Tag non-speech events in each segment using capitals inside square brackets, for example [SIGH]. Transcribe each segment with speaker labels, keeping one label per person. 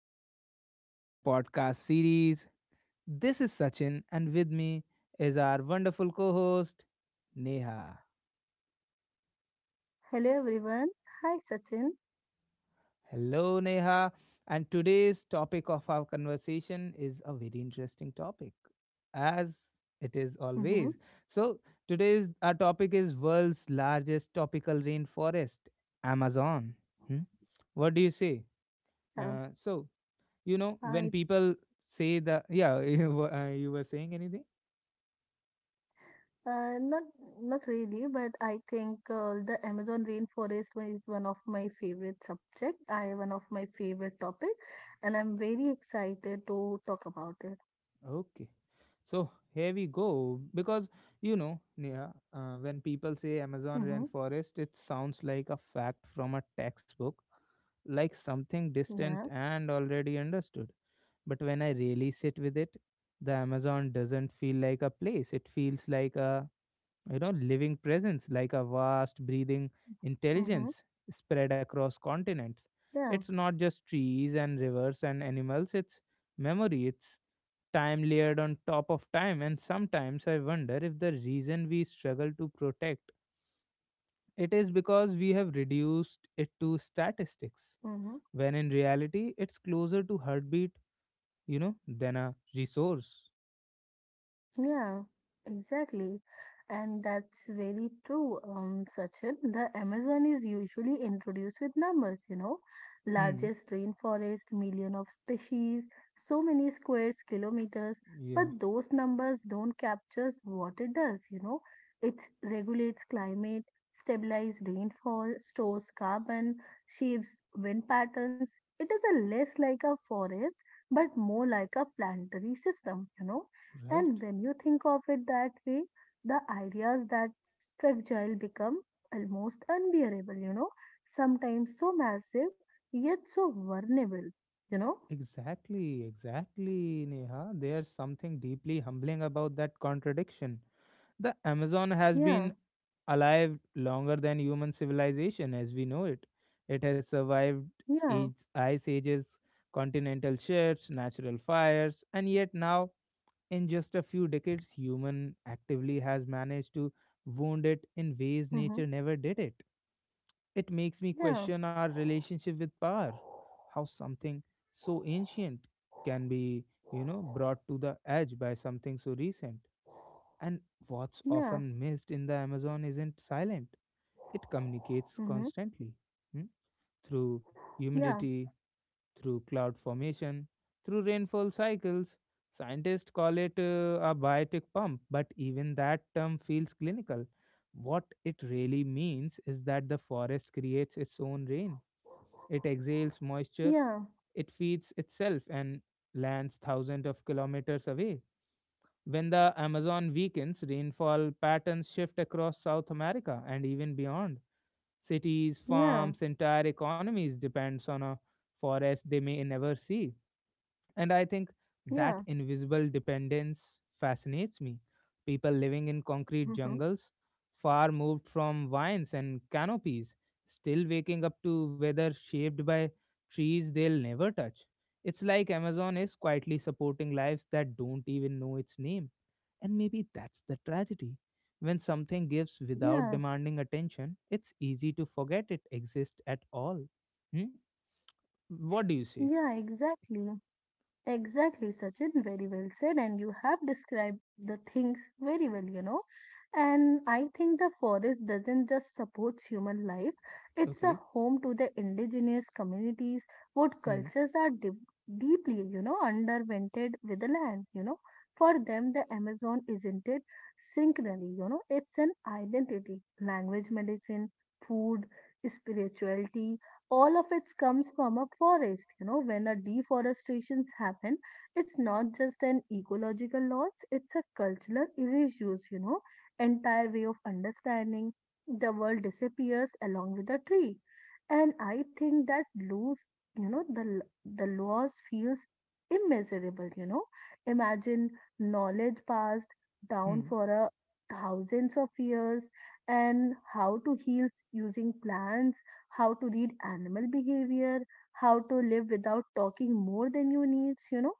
Speaker 1: Welcome back to our podcast series. This is Sachin, and with me is our wonderful co host, Neha.
Speaker 2: Hello everyone. Hi Sachin.
Speaker 1: Hello, Neha. And today's topic of our conversation is a very interesting topic, as it is
Speaker 2: Mm-hmm.
Speaker 1: always. So, today's our topic is world's largest tropical rainforest, Amazon. Hmm? What do you say?
Speaker 2: Uh,
Speaker 1: So, you know,
Speaker 2: I
Speaker 1: when people say the— Yeah. [LAUGHS] You were saying anything?
Speaker 2: not really, but I think the Amazon rainforest one is one of my favorite subject. I One of my favorite topic, and I'm very excited to talk about it.
Speaker 1: Okay, so here we go. Because, you know, Neha, when people say Amazon
Speaker 2: Mm-hmm.
Speaker 1: rainforest, it sounds like a fact from a textbook, like something distant
Speaker 2: Yeah.
Speaker 1: and already understood. But when I really sit with it, the Amazon doesn't feel like a place, it feels like a living presence, like a vast breathing
Speaker 2: Mm-hmm.
Speaker 1: intelligence spread across continents.
Speaker 2: Yeah.
Speaker 1: It's not just trees and rivers and animals, it's memory, it's time layered on top of time. And sometimes I wonder if the reason we struggle to protect it is because we have reduced it to statistics,
Speaker 2: Mm-hmm.
Speaker 1: when in reality it's closer to heartbeat, you know, than a resource.
Speaker 2: Yeah, exactly. And that's very true, Sachin. The Amazon is usually introduced with numbers, you know,
Speaker 1: Hmm.
Speaker 2: largest rainforest, million of species, so many squares, kilometers. But
Speaker 1: Yeah.
Speaker 2: those numbers don't capture what it does, you know. It regulates climate, stabilizes rainfall, stores carbon, shapes wind patterns. It is a less like a forest, but more like a planetary system, you know,
Speaker 1: Right.
Speaker 2: and when you think of it that way, the ideas that fragile become almost unbearable, you know, sometimes so massive, yet so vulnerable, you know?
Speaker 1: Exactly, exactly, Neha. There's something deeply humbling about that contradiction. The Amazon has been
Speaker 2: Yeah,
Speaker 1: alive longer than human civilization as we know it. It has survived age,
Speaker 2: yeah,
Speaker 1: ice ages, continental shifts, natural fires, and yet now, in just a few decades, human actively has managed to wound it in ways nature
Speaker 2: mm-hmm,
Speaker 1: never did it. It makes me
Speaker 2: yeah,
Speaker 1: question our relationship with power, how something so ancient can be, you know, brought to the edge by something so recent. And what's
Speaker 2: yeah,
Speaker 1: often missed in the Amazon isn't silent, it communicates
Speaker 2: mm-hmm,
Speaker 1: constantly, hmm, through
Speaker 2: yeah,
Speaker 1: humidity, through cloud formation, through rainfall cycles. Scientists call it a biotic pump, but even that term feels clinical. What it really means is that the forest creates its own rain. It exhales moisture,
Speaker 2: yeah,
Speaker 1: it feeds itself and lands thousands of kilometers away. When the Amazon weakens, rainfall patterns shift across South America and even beyond. Cities,
Speaker 2: yeah,
Speaker 1: farms, entire economies depends on a forest they may never see. And I think
Speaker 2: yeah,
Speaker 1: that invisible dependence fascinates me. People living in concrete
Speaker 2: mm-hmm,
Speaker 1: jungles, far moved from vines and canopies, still waking up to weather shaped by trees they'll never touch. It's like Amazon is quietly supporting lives that don't even know its name. And maybe that's the tragedy. When something gives without
Speaker 2: yeah,
Speaker 1: demanding attention, it's easy to forget it exists at all. Hmm? What do you say?
Speaker 2: yeah, exactly. Exactly, Sachin. Very well said. And you have described the things very well, you know. And I think the forest doesn't just support human life, it's a
Speaker 1: Okay.
Speaker 2: home to the indigenous communities, what
Speaker 1: Hmm.
Speaker 2: cultures are deep, deeply, you know, undervented with the land, you know. For them, the Amazon isn't it synchronally, you know, it's an identity, language, medicine, food, spirituality, all of it comes from a forest, you know. When a deforestations happen, it's not just an ecological loss, it's a cultural erasures, you know, entire way of understanding the world disappears along with the tree. And I think that lose, you know, the loss feels immeasurable, you know. Imagine knowledge passed down
Speaker 1: Hmm.
Speaker 2: for a thousands of years, and how to heal using plants, how to read animal behavior, how to live without talking more than you needs, you know.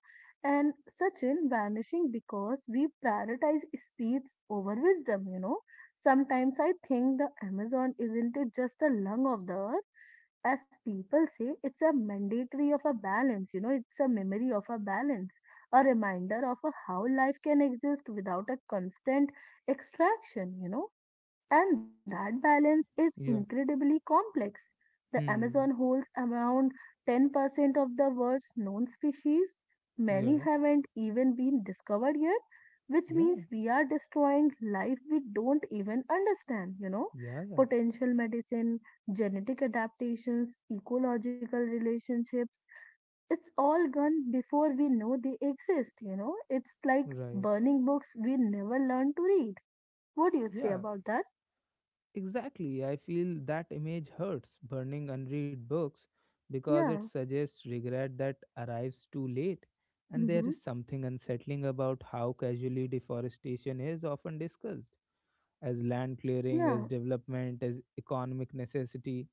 Speaker 2: And Sachin vanishing because we prioritize speeds over wisdom, you know. Sometimes I think the Amazon isn't it just the lung of the earth, as people say, it's a mandatory of a balance, you know, it's a memory of a balance, a reminder of a how life can exist without a constant extraction, you know, and that balance is
Speaker 1: Yeah.
Speaker 2: incredibly complex. The Amazon
Speaker 1: Hmm.
Speaker 2: holds around 10% of the world's known species. Many
Speaker 1: Yeah.
Speaker 2: haven't even been discovered yet, which
Speaker 1: Yeah.
Speaker 2: means we are destroying life we don't even understand, you know.
Speaker 1: Yeah. Yeah.
Speaker 2: Potential medicine, genetic adaptations, ecological relationships. It's all gone before we know they exist, you know. It's like
Speaker 1: Right.
Speaker 2: burning books we never learn to read. What do you say
Speaker 1: Yeah.
Speaker 2: about that?
Speaker 1: Exactly. I feel that image hurts burning unread books because
Speaker 2: Yeah.
Speaker 1: it suggests regret that arrives too late. And there
Speaker 2: Mm-hmm.
Speaker 1: is something unsettling about how casually deforestation is often discussed as land clearing,
Speaker 2: Yeah.
Speaker 1: as development, as economic necessity.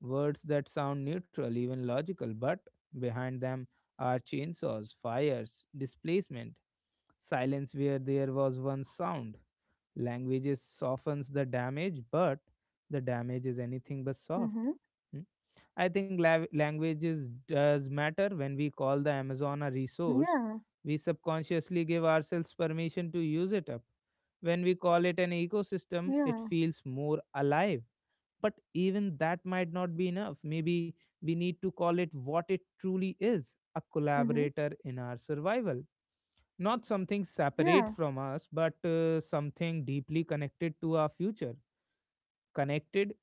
Speaker 1: Words that sound neutral, even logical, but behind them are chainsaws, fires, displacement, silence where there was once sound. Languages softens the damage, but the damage is anything but soft.
Speaker 2: Mm-hmm.
Speaker 1: Hmm? I think languages does matter when we call the Amazon a resource.
Speaker 2: Yeah.
Speaker 1: We subconsciously give ourselves permission to use it up. When we call it an ecosystem, it
Speaker 2: Yeah.
Speaker 1: feels more alive. But even that might not be enough. Maybe we need to call it what it truly is, a
Speaker 2: Mm-hmm.
Speaker 1: collaborator in our survival. Not something
Speaker 2: Yeah.
Speaker 1: separate from us, but something deeply connected to our future, connected,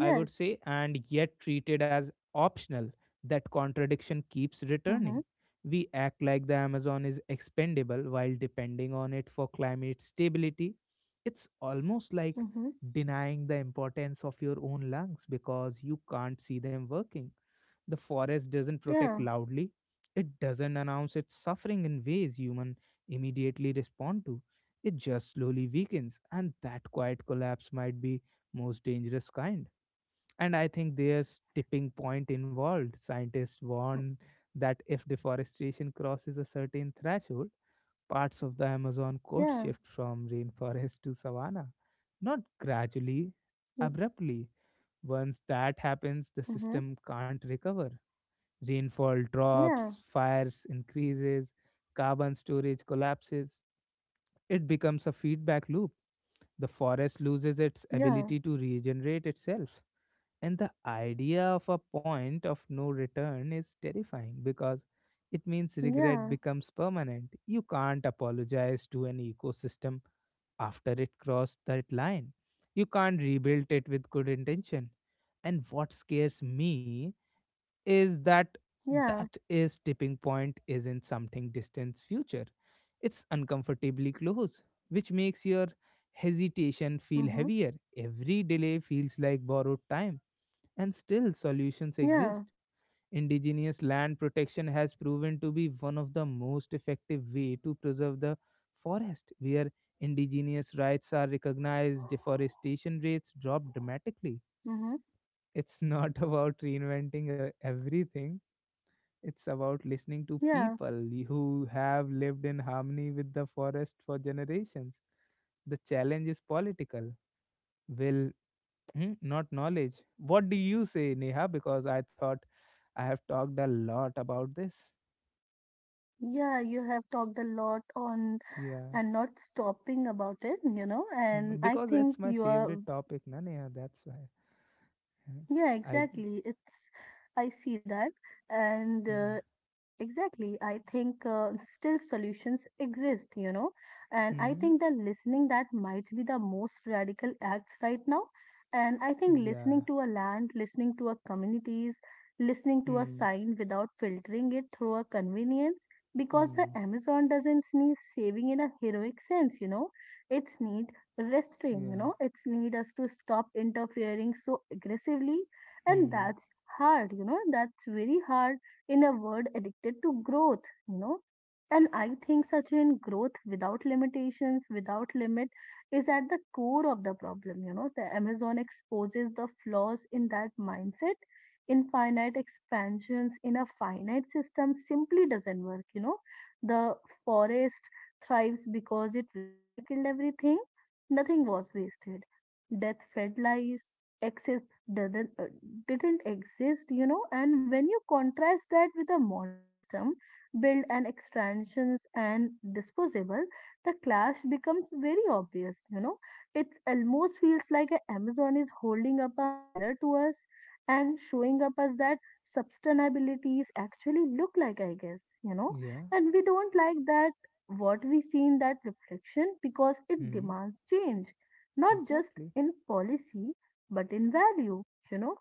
Speaker 1: I would say, and yet treated as optional. That contradiction keeps
Speaker 2: Mm-hmm.
Speaker 1: returning. We act like the Amazon is expendable while depending on it for climate stability. It's almost like
Speaker 2: Mm-hmm.
Speaker 1: denying the importance of your own lungs because you can't see them working. The forest doesn't
Speaker 2: Yeah.
Speaker 1: protect loudly, it doesn't announce its suffering in ways human immediately respond to. It just slowly weakens, and that quiet collapse might be most dangerous kind. And I think there's tipping point involved. Scientists
Speaker 2: Mm.
Speaker 1: warn that if deforestation crosses a certain threshold, parts of the Amazon could
Speaker 2: Yeah.
Speaker 1: shift from rainforest to savanna. Not gradually,
Speaker 2: Mm.
Speaker 1: abruptly. Once that happens, the
Speaker 2: Mm-hmm.
Speaker 1: system can't recover. Rainfall
Speaker 2: Yeah. Yeah.
Speaker 1: drops, fires increases, carbon storage collapses. It becomes a feedback loop. The forest loses its
Speaker 2: Yeah.
Speaker 1: ability to regenerate itself. And the idea of a point of no return is terrifying because it means regret
Speaker 2: Yeah.
Speaker 1: becomes permanent. You can't apologize to an ecosystem after it crossed that line. You can't rebuild it with good intention. And what scares me is that that is tipping point is in something distant future. It's uncomfortably close, which makes your hesitation feel
Speaker 2: Mm-hmm.
Speaker 1: heavier. Every delay feels like borrowed time, and still, solutions
Speaker 2: Yeah.
Speaker 1: exist. Indigenous land protection has proven to be one of the most effective way to preserve the forest, where indigenous rights are recognized, deforestation rates drop dramatically.
Speaker 2: Mm-hmm.
Speaker 1: It's not [LAUGHS] about reinventing everything. It's about listening to
Speaker 2: Yeah.
Speaker 1: people who have lived in harmony with the forest for generations. The challenge is political will, not knowledge. What do you say, Neha? Because I thought I have talked a lot about this.
Speaker 2: Yeah. You have talked a lot on
Speaker 1: Yeah.
Speaker 2: and not stopping about it, you know, and I
Speaker 1: Because
Speaker 2: think
Speaker 1: it's my
Speaker 2: you are.
Speaker 1: favorite topic, na Neha, that's why. Huh?
Speaker 2: Yeah,
Speaker 1: I
Speaker 2: exactly. It's I see that, and
Speaker 1: Yeah.
Speaker 2: exactly, I think still solutions exist, you know, and I think that
Speaker 1: Hmm.
Speaker 2: listening that might be the most radical acts right now, and I think listening
Speaker 1: Yeah.
Speaker 2: to a land, listening to a communities, listening to a
Speaker 1: Hmm.
Speaker 2: sign without filtering it through a convenience, because the
Speaker 1: Hmm.
Speaker 2: Amazon doesn't need saving in a heroic sense, you know, it needs restraint, you
Speaker 1: Yeah.
Speaker 2: know. It's need us to stop interfering so aggressively, and
Speaker 1: Hmm.
Speaker 2: that's hard, you know, that's very hard in a world addicted to growth, you know. And I think Sachin growth without limitations, without limit, is at the core of the problem, you know. The Amazon exposes the flaws in that mindset. Infinite expansions in a finite system simply doesn't work, you know. The forest thrives because it recycled everything. Nothing was wasted. Death fed lies, excess didn't, uh, didn't exist, you know. And when you contrast that with a modern system built on extractions and disposable, the clash becomes very obvious, you know. It almost feels like a Amazon is holding up a mirror to us and showing up us that sustainabilities actually look like, I guess, you know.
Speaker 1: Yeah.
Speaker 2: And we don't like that what we see in that reflection because it
Speaker 1: Hmm.
Speaker 2: demands change, not just
Speaker 1: Exactly.
Speaker 2: in policy, but in value. You know,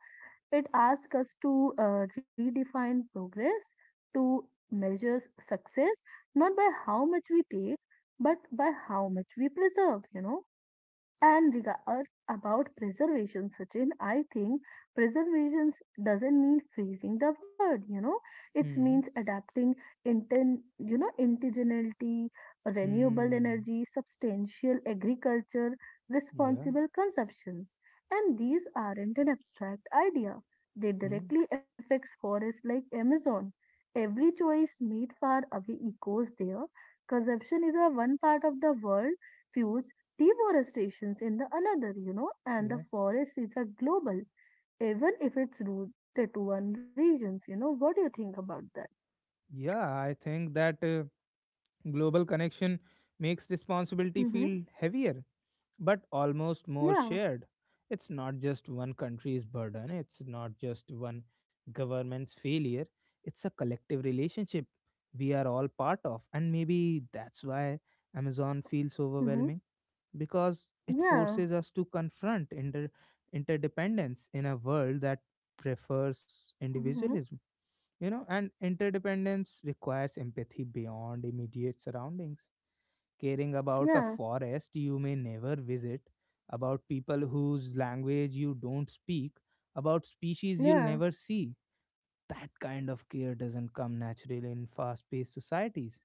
Speaker 2: it asks us to redefine progress, to measure success, not by how much we take, but by how much we preserve, you know, and regard about preservation, Sachin. I think preservation doesn't mean freezing the word, you know. It means
Speaker 1: Hmm.
Speaker 2: adapting you know, indigeneity, renewable
Speaker 1: Hmm.
Speaker 2: energy, substantial agriculture,
Speaker 1: Yeah.
Speaker 2: responsible consumptions. And these aren't an abstract idea. They
Speaker 1: Hmm.
Speaker 2: directly affects forests like Amazon. Every choice made far away echoes there. Consumption is a one part of the world fuels deforestation in the another, you know, and the
Speaker 1: Yeah.
Speaker 2: forest is a global, even if it's rooted to one regions, you know. What do you think about that?
Speaker 1: Yeah, I think that global connection makes responsibility
Speaker 2: Mm-hmm.
Speaker 1: feel heavier but almost more
Speaker 2: Yeah.
Speaker 1: shared. It's not just one country's burden, it's not just one government's failure, it's a collective relationship we are all part of. And maybe that's why Amazon feels
Speaker 2: Mm-hmm.
Speaker 1: overwhelming because it
Speaker 2: Yeah.
Speaker 1: forces us to confront interdependence in a world that prefers
Speaker 2: Mm-hmm.
Speaker 1: individualism. You know, and interdependence requires empathy beyond immediate surroundings, caring about a
Speaker 2: Yeah.
Speaker 1: forest you may never visit, about people whose language you don't speak, about species you'll
Speaker 2: Yeah.
Speaker 1: never see. That kind of care doesn't come naturally in fast paced societies.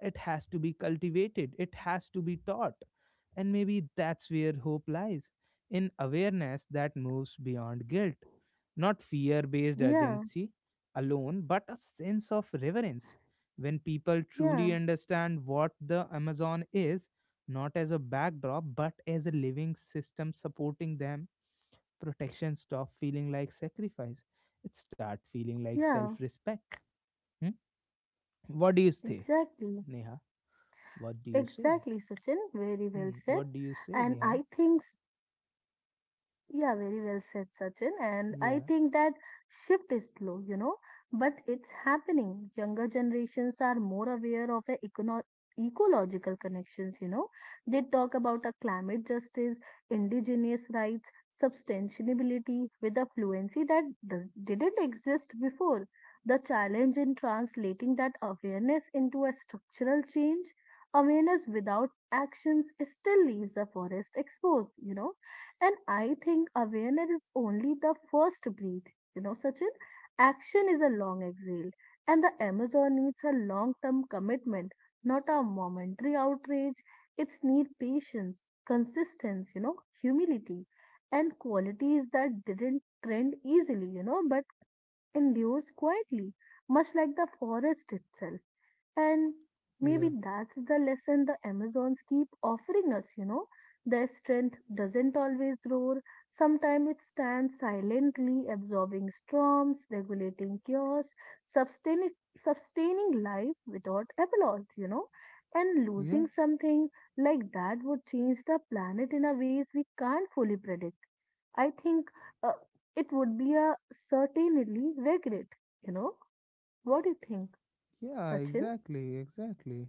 Speaker 1: It has to be cultivated, it has to be taught. And maybe that's where hope lies, in awareness that moves beyond guilt. Not fear based
Speaker 2: Yeah.
Speaker 1: urgency alone, but a sense of reverence. When people truly
Speaker 2: Yeah.
Speaker 1: understand what the Amazon is, not as a backdrop, but as a living system supporting them, protection stop feeling like sacrifice. It start feeling like
Speaker 2: Yeah.
Speaker 1: self-respect. Hmm? What do you say,
Speaker 2: Exactly.
Speaker 1: Neha? What do you say?
Speaker 2: Exactly, Sachin. Very well
Speaker 1: Hmm.
Speaker 2: said.
Speaker 1: What do you say,
Speaker 2: And
Speaker 1: Neha?
Speaker 2: I think. Yeah, very well said, Sachin. And I
Speaker 1: Yeah,
Speaker 2: think that shift is slow, you know, but it's happening. Younger generations are more aware of the ecological connections, you know. They talk about a climate justice, indigenous rights, sustainability with a fluency that didn't exist before. The challenge in translating that awareness into a structural change, awareness without actions still leaves the forest exposed, you know, and I think awareness is only the first breath. You know, Sachin, action is a long exhale, and the Amazon needs a long term commitment, not a momentary outrage. It's need patience, consistency, you know, humility, and qualities that didn't trend easily, you know, but endures quietly, much like the forest itself. And maybe
Speaker 1: yeah,
Speaker 2: that's the lesson the Amazons keep offering us, you know. Their strength doesn't always roar. Sometimes it stands silently, absorbing storms, regulating chaos, sustaining, sustaining life without applause, you know. And
Speaker 1: yeah,
Speaker 2: losing something like that would change the planet in a ways we can't fully predict. I think uh, it would be a certainly regret, you know. What do you think,
Speaker 1: yeah.
Speaker 2: Sachin?
Speaker 1: Exactly, exactly.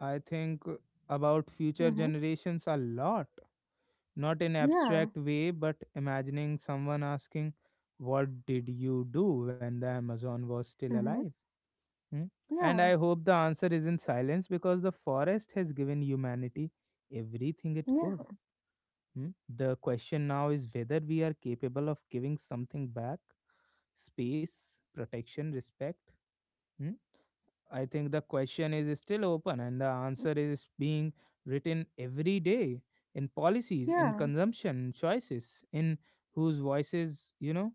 Speaker 1: I think about future
Speaker 2: Hmm.
Speaker 1: generations a lot, not in
Speaker 2: Yeah.
Speaker 1: abstract way, but imagining someone asking, "What did you do when the Amazon was still
Speaker 2: Mm-hmm.
Speaker 1: alive?" Hmm? And I
Speaker 2: Yeah.
Speaker 1: hope the answer isn't silence because the forest has given humanity everything it could.
Speaker 2: Yeah.
Speaker 1: Hmm? The question now is whether we are capable of giving something back, space, protection, respect. Hmm. I think the question is still open and the answer is being written every day in policies, in
Speaker 2: Yeah.
Speaker 1: consumption choices, in whose voices, you know,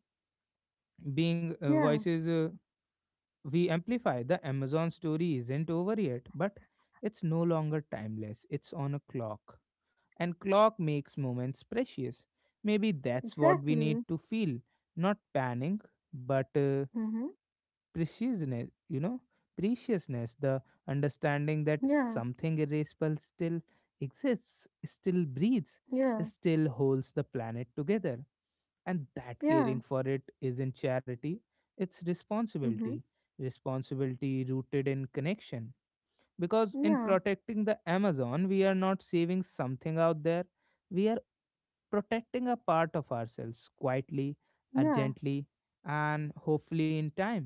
Speaker 1: being
Speaker 2: Yeah.
Speaker 1: voices we amplify. The Amazon story isn't over yet, but it's no longer timeless. It's on a clock. And clock makes moments precious. Maybe that's what we need
Speaker 2: Exactly.
Speaker 1: to feel, not panic, but
Speaker 2: Mm-hmm.
Speaker 1: preciousness, the understanding that
Speaker 2: Yeah.
Speaker 1: something irreplaceable still exists, still breathes,
Speaker 2: Yeah.
Speaker 1: still holds the planet together. And that
Speaker 2: Yeah.
Speaker 1: caring for it isn't charity, it's
Speaker 2: Mm-hmm.
Speaker 1: responsibility. Responsibility rooted in connection. Because in
Speaker 2: Yeah.
Speaker 1: protecting the Amazon, we are not saving something out there, we are protecting a part of ourselves, quietly,
Speaker 2: Yeah.
Speaker 1: urgently, and hopefully in time.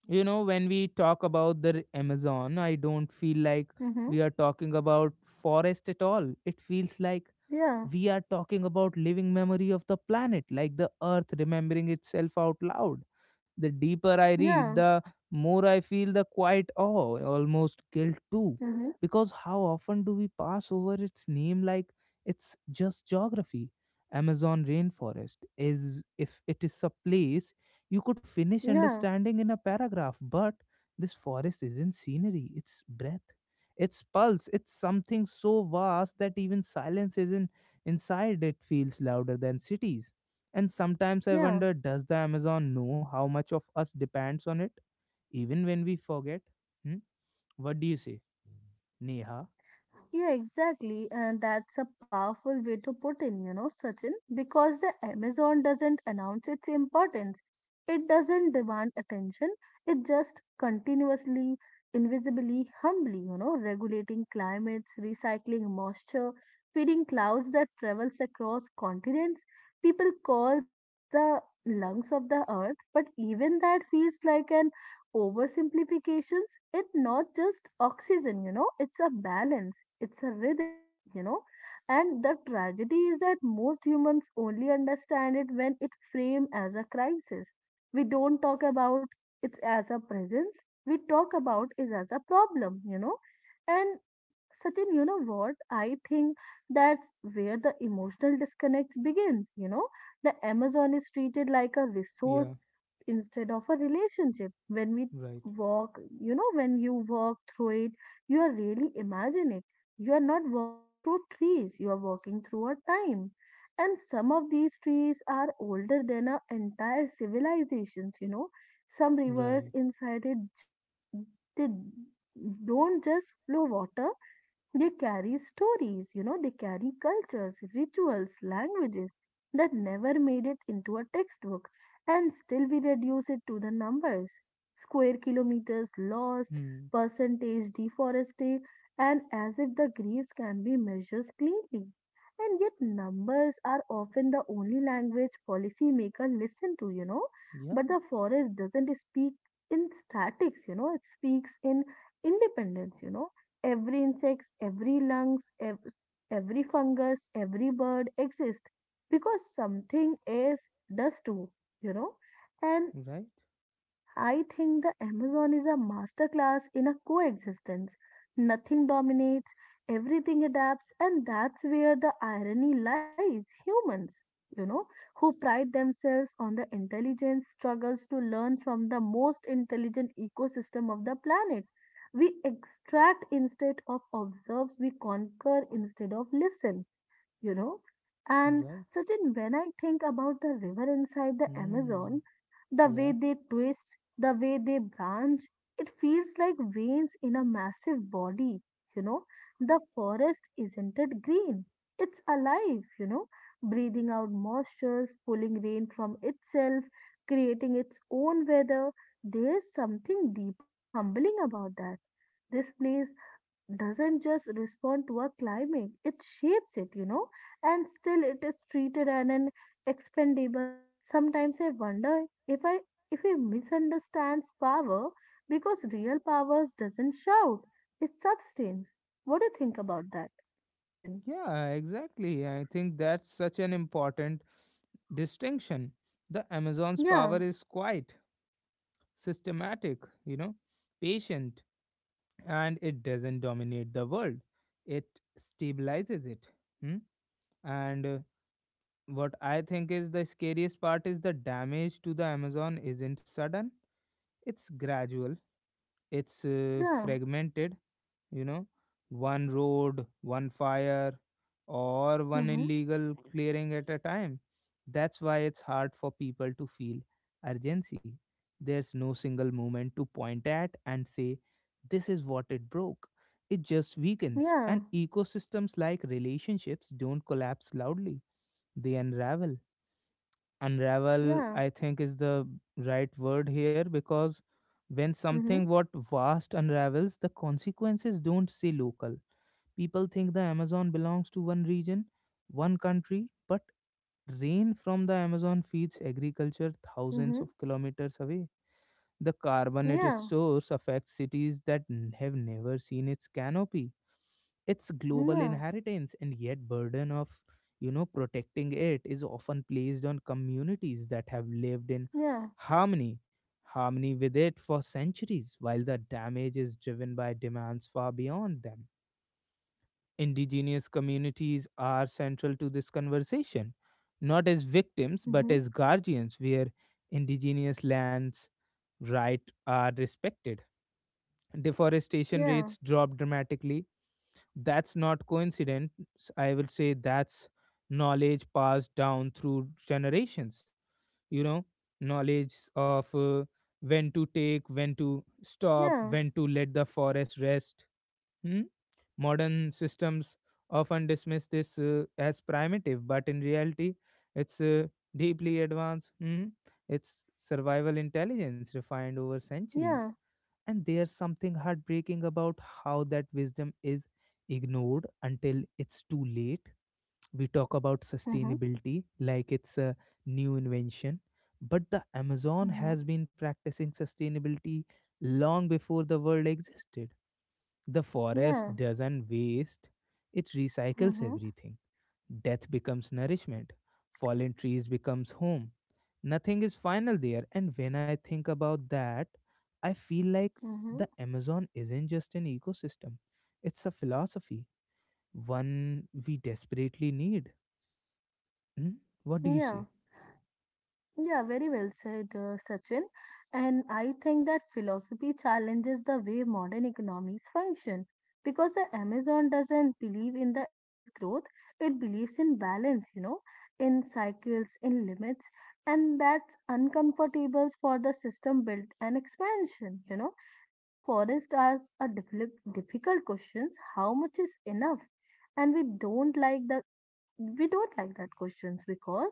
Speaker 1: You know, when we talk about the Amazon, I don't feel like
Speaker 2: Mm-hmm.
Speaker 1: we are talking about forest at all, it feels like
Speaker 2: Yeah.
Speaker 1: we are talking about living memory of the planet, like the earth remembering itself out loud. The deeper I read,
Speaker 2: Yeah.
Speaker 1: the more I feel the quiet awe, almost guilt too.
Speaker 2: Mm-hmm.
Speaker 1: Because how often do we pass over its name like it's just geography? Amazon rainforest is— if it is a place you could finish
Speaker 2: Yeah.
Speaker 1: understanding in a paragraph, but this forest isn't scenery, it's breath, its pulse, it's something so vast that even silence isn't. Inside, it feels louder than cities. And sometimes I
Speaker 2: Yeah.
Speaker 1: wonder, does the Amazon know how much of us depends on it, even when we forget? Hmm? What do you say, Neha?
Speaker 2: Yeah, exactly. And that's a powerful way to put in, you know, Sachin, because the Amazon doesn't announce its importance. It doesn't demand attention. It just continuously, invisibly, humbly, you know, regulating climates, recycling moisture, feeding clouds that travels across continents. People calls it the lungs of the earth, but even that feels like an oversimplifications. It's not just oxygen, you know, it's a balance, it's a rhythm, you know. And the tragedy is that most humans only understand it when it framed as a crisis. We don't talk about it as a presence, we talk about it as a problem, you know. And Sachin, you know what? I think that's where the emotional disconnect begins. You know, the Amazon is treated like a
Speaker 1: Yeah,
Speaker 2: resource instead of a relationship. When we
Speaker 1: right,
Speaker 2: Walk, you know, when you walk through it, you are really imagine it. You are not walking through trees, you are walking through a time. And some of these trees are older than our entire civilizations, you know. Some rivers
Speaker 1: right.
Speaker 2: inside it just they don't just flow water, they carry stories, you know, they carry cultures, rituals, languages that never made it into a textbook, and still we reduce it to the numbers, square kilometers lost,
Speaker 1: Hmm.
Speaker 2: percentage deforested, and as if the griefs can be measured cleanly. And yet, numbers are often the only language policymakers listen to, you know.
Speaker 1: Yeah,
Speaker 2: But the forest doesn't speak in statics, you know, it speaks in independence, you know. Every insect, every lungs, ev- Every fungus, every bird exists because something else does too, you know. And
Speaker 1: right,
Speaker 2: I think the Amazon is a masterclass in a coexistence. Nothing dominates, everything adapts, and that's where the irony lies. Humans, you know, who pride themselves on the intelligence, struggles to learn from the most intelligent ecosystem of the planet. We extract instead of observe, we conquer instead of listen, you know. And
Speaker 1: right.
Speaker 2: Sachin, when I think about the river inside the
Speaker 1: Hmm.
Speaker 2: Amazon, the way
Speaker 1: Yeah.
Speaker 2: they twist, the way they branch, it feels like veins in a massive body, you know. The forest isn't it green? It's alive, you know, breathing out moisture, pulling rain from itself, creating its own weather. There's something deeply humbling about that. This place doesn't just respond to our climate, it shapes it, you know, and still it is treated as an expendable. Sometimes I wonder if he misunderstands power because real powers doesn't shout, it's substance. What do you think about that, Sachin?
Speaker 1: Yeah, exactly. I think that's such an important distinction. The Amazon's
Speaker 2: Yeah,
Speaker 1: power is quite systematic, you know, patient, and it doesn't dominate the world, it stabilizes it. Hmm? And what I think is the scariest part is the damage to the Amazon isn't sudden, it's gradual, it's
Speaker 2: yeah,
Speaker 1: fragmented, you know, one road, one fire, or one
Speaker 2: mm-hmm,
Speaker 1: illegal clearing at a time. That's why it's hard for people to feel urgency. There's no single moment to point at and say this is what it broke, it just weakens, and
Speaker 2: yeah,
Speaker 1: ecosystems, like relationships, don't collapse loudly, they unravel. Unravel,
Speaker 2: yeah,
Speaker 1: I think, is the right word here because when
Speaker 2: mm-hmm,
Speaker 1: something what vast unravels, the consequences don't say local. People think the Amazon belongs to one region, one country, but rain from the Amazon feeds agriculture thousands
Speaker 2: mm-hmm,
Speaker 1: of kilometers away. The carbon it
Speaker 2: yeah,
Speaker 1: stores affects cities that have never seen its canopy. It's global
Speaker 2: yeah,
Speaker 1: inheritance, and yet burden of protecting it is often placed on communities that have lived in
Speaker 2: yeah,
Speaker 1: harmony harmony with it for centuries while the damage is driven by demands far beyond them. Indigenous communities are central to this conversation, not as victims but
Speaker 2: mm-hmm,
Speaker 1: as guardians, where indigenous lands' rights are respected. Deforestation
Speaker 2: yeah,
Speaker 1: rates drop dramatically. That's not coincidence. I will say that's knowledge passed down through generations. You know, knowledge of when to take, when to stop,
Speaker 2: yeah,
Speaker 1: when to let the forest rest. Hmm? Modern systems often dismiss this as primitive, but in reality, it's deeply advanced. Mhm. It's survival intelligence refined over centuries.
Speaker 2: yeah,
Speaker 1: And there's something heartbreaking about how that wisdom is ignored until it's too late. We talk about
Speaker 2: mm-hmm,
Speaker 1: sustainability like it's a new invention, but the Amazon
Speaker 2: mm-hmm,
Speaker 1: has been practicing sustainability long before the world existed. The
Speaker 2: yeah.
Speaker 1: forest doesn't waste, it recycles
Speaker 2: Mm-hmm.
Speaker 1: everything. Death becomes nourishment, fallen trees becomes home. Nothing is final there, and when I think about that, I feel like
Speaker 2: Mm-hmm.
Speaker 1: the Amazon isn't just an ecosystem, it's a philosophy, one we desperately need. Hmm? What do you
Speaker 2: Yeah,
Speaker 1: say?
Speaker 2: yeah, very well said, Sachin. And I think that philosophy challenges the way modern economies function because the Amazon doesn't believe in the endless growth, it believes in balance, you know, in cycles, in limits, and that's uncomfortable for the system built and expansion, you know. And the forest asks a difficult questions, how much is enough? And we don't like that questions. Because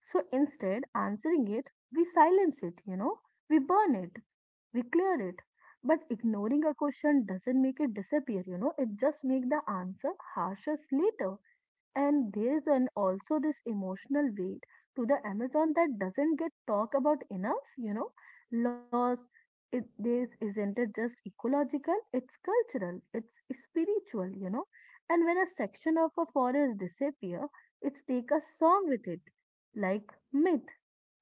Speaker 2: So instead, answering it, we silence it, we burn it, we clear it. But ignoring a question doesn't make it disappear, it just makes the answer harsher later. And there's an also this emotional weight to the Amazon that doesn't get talked about enough. Loss, it this isn't it just ecological, it's cultural, it's spiritual. And when a section of a forest disappear, it's take a song with it, like myth,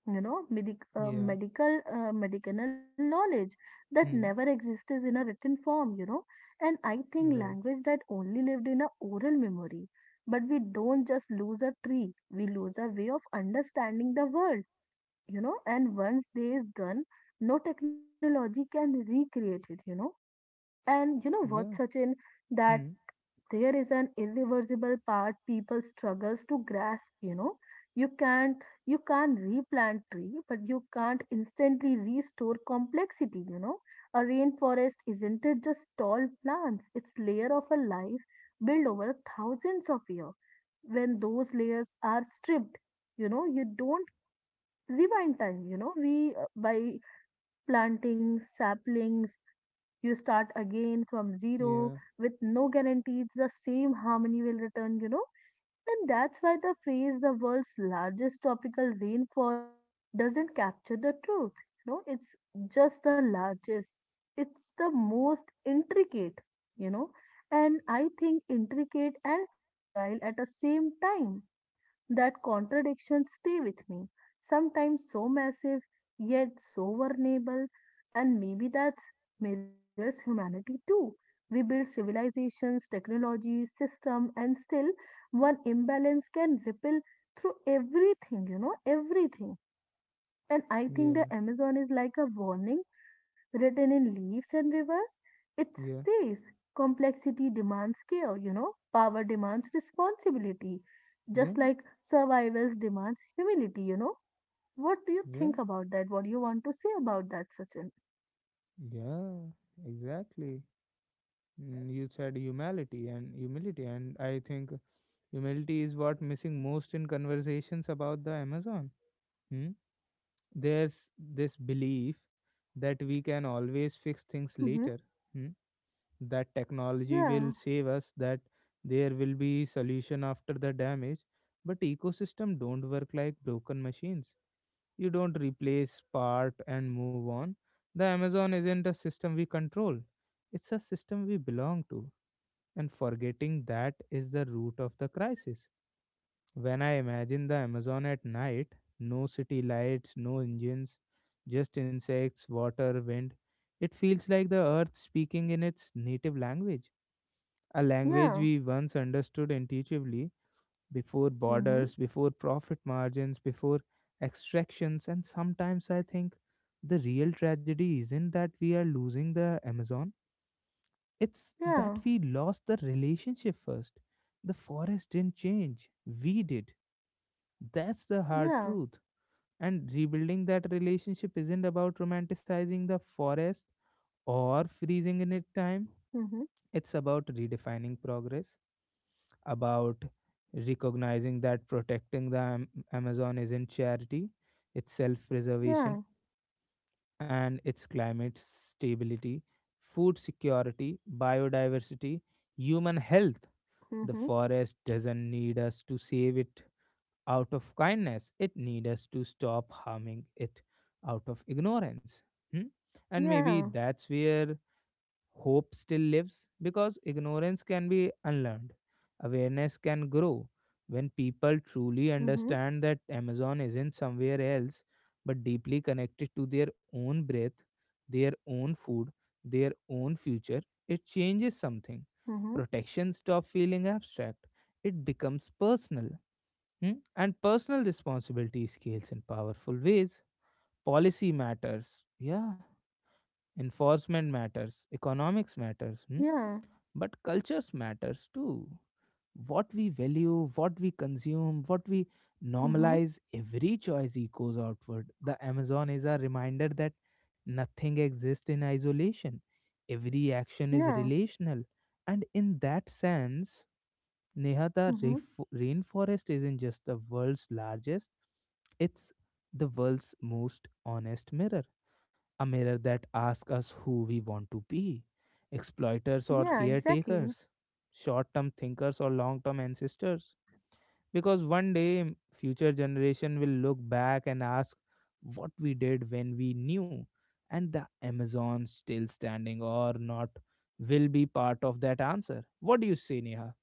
Speaker 1: Yeah.
Speaker 2: medicinal knowledge that never
Speaker 1: Hmm.
Speaker 2: existed in a written form. And I think
Speaker 1: Right.
Speaker 2: language that only lived in a oral memory. But we don't just lose a tree, we lose a way of understanding the world. And once they is gone, no technology can recreate it. And you know what?
Speaker 1: Yeah.
Speaker 2: Such in that
Speaker 1: Hmm.
Speaker 2: there is an irreversible part people struggles to grasp, you can't replant tree, but you can't instantly restore complexity, a rainforest isn't it just tall plants, it's layer of a life built over thousands of years. When those layers are stripped, you don't rewind time you know we by planting saplings, you start again from zero
Speaker 1: Yeah.
Speaker 2: with no guarantees the same harmony will return. And that's why the phrase "the world's largest tropical rainforest" doesn't capture the truth. It's just the largest. It's the most intricate, you know, and I think intricate and fragile at the same time, that contradictions stay with me, sometimes so massive, yet so vulnerable, and maybe that's mirrors humanity too. We build civilizations, technology, system, and still one imbalance can ripple through everything, everything. And I think the
Speaker 1: Yeah.
Speaker 2: Amazon is like a warning written in leaves and rivers. It
Speaker 1: Yeah.
Speaker 2: says complexity demands care, power demands responsibility,
Speaker 1: Yeah.
Speaker 2: just like survivals demands humility. What do you
Speaker 1: Yeah.
Speaker 2: think about that? What do you want to say about that, Sachin?
Speaker 1: Yeah. Exactly. Mm, you said humility and humility and I think humility is what missing most in conversations about the Amazon. Hmm? There's this belief that we can always fix things
Speaker 2: Mm-hmm.
Speaker 1: later. Hmm? That technology will
Speaker 2: Yeah,
Speaker 1: save us, that there will be solution after the damage, but ecosystem don't work like broken machines. You don't replace part and move on. The Amazon isn't a system we control, it's a system we belong to, and forgetting that is the root of the crisis. When I imagine the Amazon at night, no city lights, no engines, just insects, water, wind, it feels like the earth speaking in its native language, a language
Speaker 2: yeah,
Speaker 1: we once understood intuitively before
Speaker 2: mm-hmm.
Speaker 1: borders, before profit margins, before extractions, and sometimes I think the real tragedy isn't that we are losing the Amazon, it's
Speaker 2: Yeah,
Speaker 1: that we lost the relationship first. The forest didn't change, we did. That's the hard
Speaker 2: yeah,
Speaker 1: truth. And rebuilding that relationship isn't about romanticizing the forest or freezing in its time.
Speaker 2: mm-hmm.
Speaker 1: It's about redefining progress, about recognizing that protecting the Amazon isn't charity, it's self preservation,
Speaker 2: Yeah,
Speaker 1: and it's climate stability, food security, biodiversity, human health.
Speaker 2: mm-hmm.
Speaker 1: The forest doesn't need us to save it out of kindness, it needs us to stop harming it out of ignorance. Hmm? And maybe
Speaker 2: Yeah,
Speaker 1: that's where hope still lives, because ignorance can be unlearned. Awareness can grow when people truly
Speaker 2: mm-hmm.
Speaker 1: understand that Amazon isn't somewhere else but deeply connected to their own breath, their own food, their own future. It changes something.
Speaker 2: Mm-hmm.
Speaker 1: Protection stops feeling abstract, it becomes personal. Hmm? And personal responsibility scales in powerful ways. Policy matters. Yeah, enforcement matters, economics matters. Hmm?
Speaker 2: Yeah,
Speaker 1: But cultures matters too. What we value, what we consume, what we
Speaker 2: mm-hmm.
Speaker 1: normalize, every choice echoes outward. The Amazon is a reminder that nothing exists in isolation, every action is
Speaker 2: Yeah,
Speaker 1: relational, and in that sense, Neha, the
Speaker 2: mm-hmm.
Speaker 1: rainforest isn't just the world's largest, it's the world's most honest mirror, a mirror that asks us who we want to be, exploiters or
Speaker 2: Yeah, exactly.
Speaker 1: caretakers, short term thinkers or long term ancestors. Because one day, future generation will look back and ask what we did when we knew, and the Amazon still standing or not will be part of that answer. What do you say, Neha?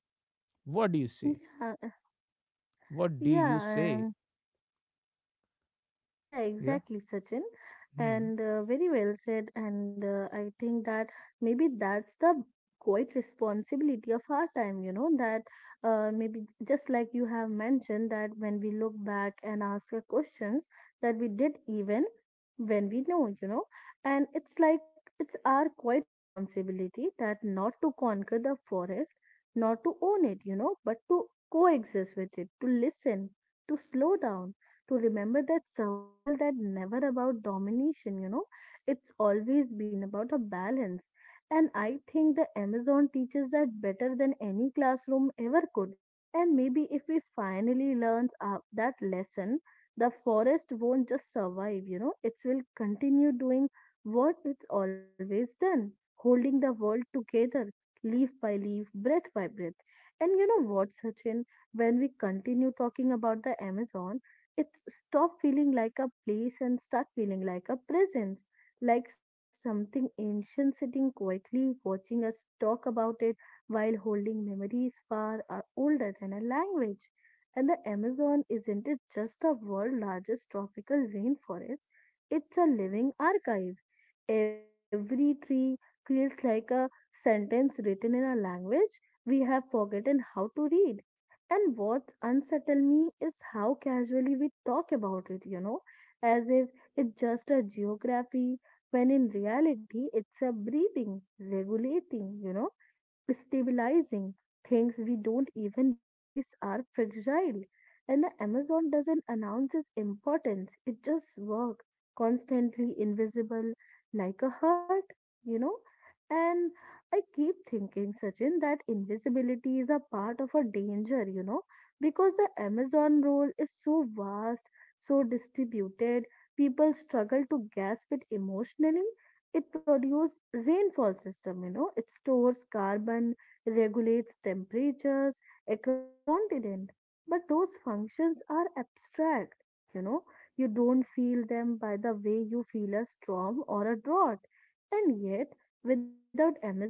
Speaker 1: What do you
Speaker 2: Yeah,
Speaker 1: say? What do you say?
Speaker 2: yeah, Yeah,
Speaker 1: Yeah.
Speaker 2: exactly, Sachin.
Speaker 1: Hmm.
Speaker 2: And very well said. And I think that maybe that's the quite responsibility of our time, that maybe just like you have mentioned, that when we look back and ask the questions that we did even when we know, and it's like it's our quite responsibility that not to conquer the forest, not to own it, but to coexist with it, to listen, to slow down to remember that survival that never about domination. It's always been about a balance. And I think the Amazon teaches that better than any classroom ever could. And maybe if we finally learn that lesson, the forest won't just survive. It will continue doing what it's always done, holding the world together, leaf by leaf, breath by breath. And you know what, Sachin, when we continue talking about the Amazon, it's stop feeling like a place and start feeling like a presence, like something ancient sitting quietly watching us talk about it while holding memories far are older than a language. And the Amazon isn't it just the world's largest tropical rainforest? It's a living archive. Every tree feels like a sentence written in a language we have forgotten how to read. And what unsettles me is how casually we talk about it, as if it's just a geography, when in reality it's a breathing, regulating, stabilizing things we don't even realize are fragile. And the Amazon doesn't announce its importance, it just works constantly invisible like a heart, you know. And I keep thinking, Sachin, that invisibility is a part of a danger, because the Amazon role is so vast, so distributed, people struggle to grasp it emotionally. It produces rainfall system. It stores carbon, regulates temperatures across continent, but those functions are abstract you know you don't feel them by the way you feel a storm or a drought. And yet without Amazon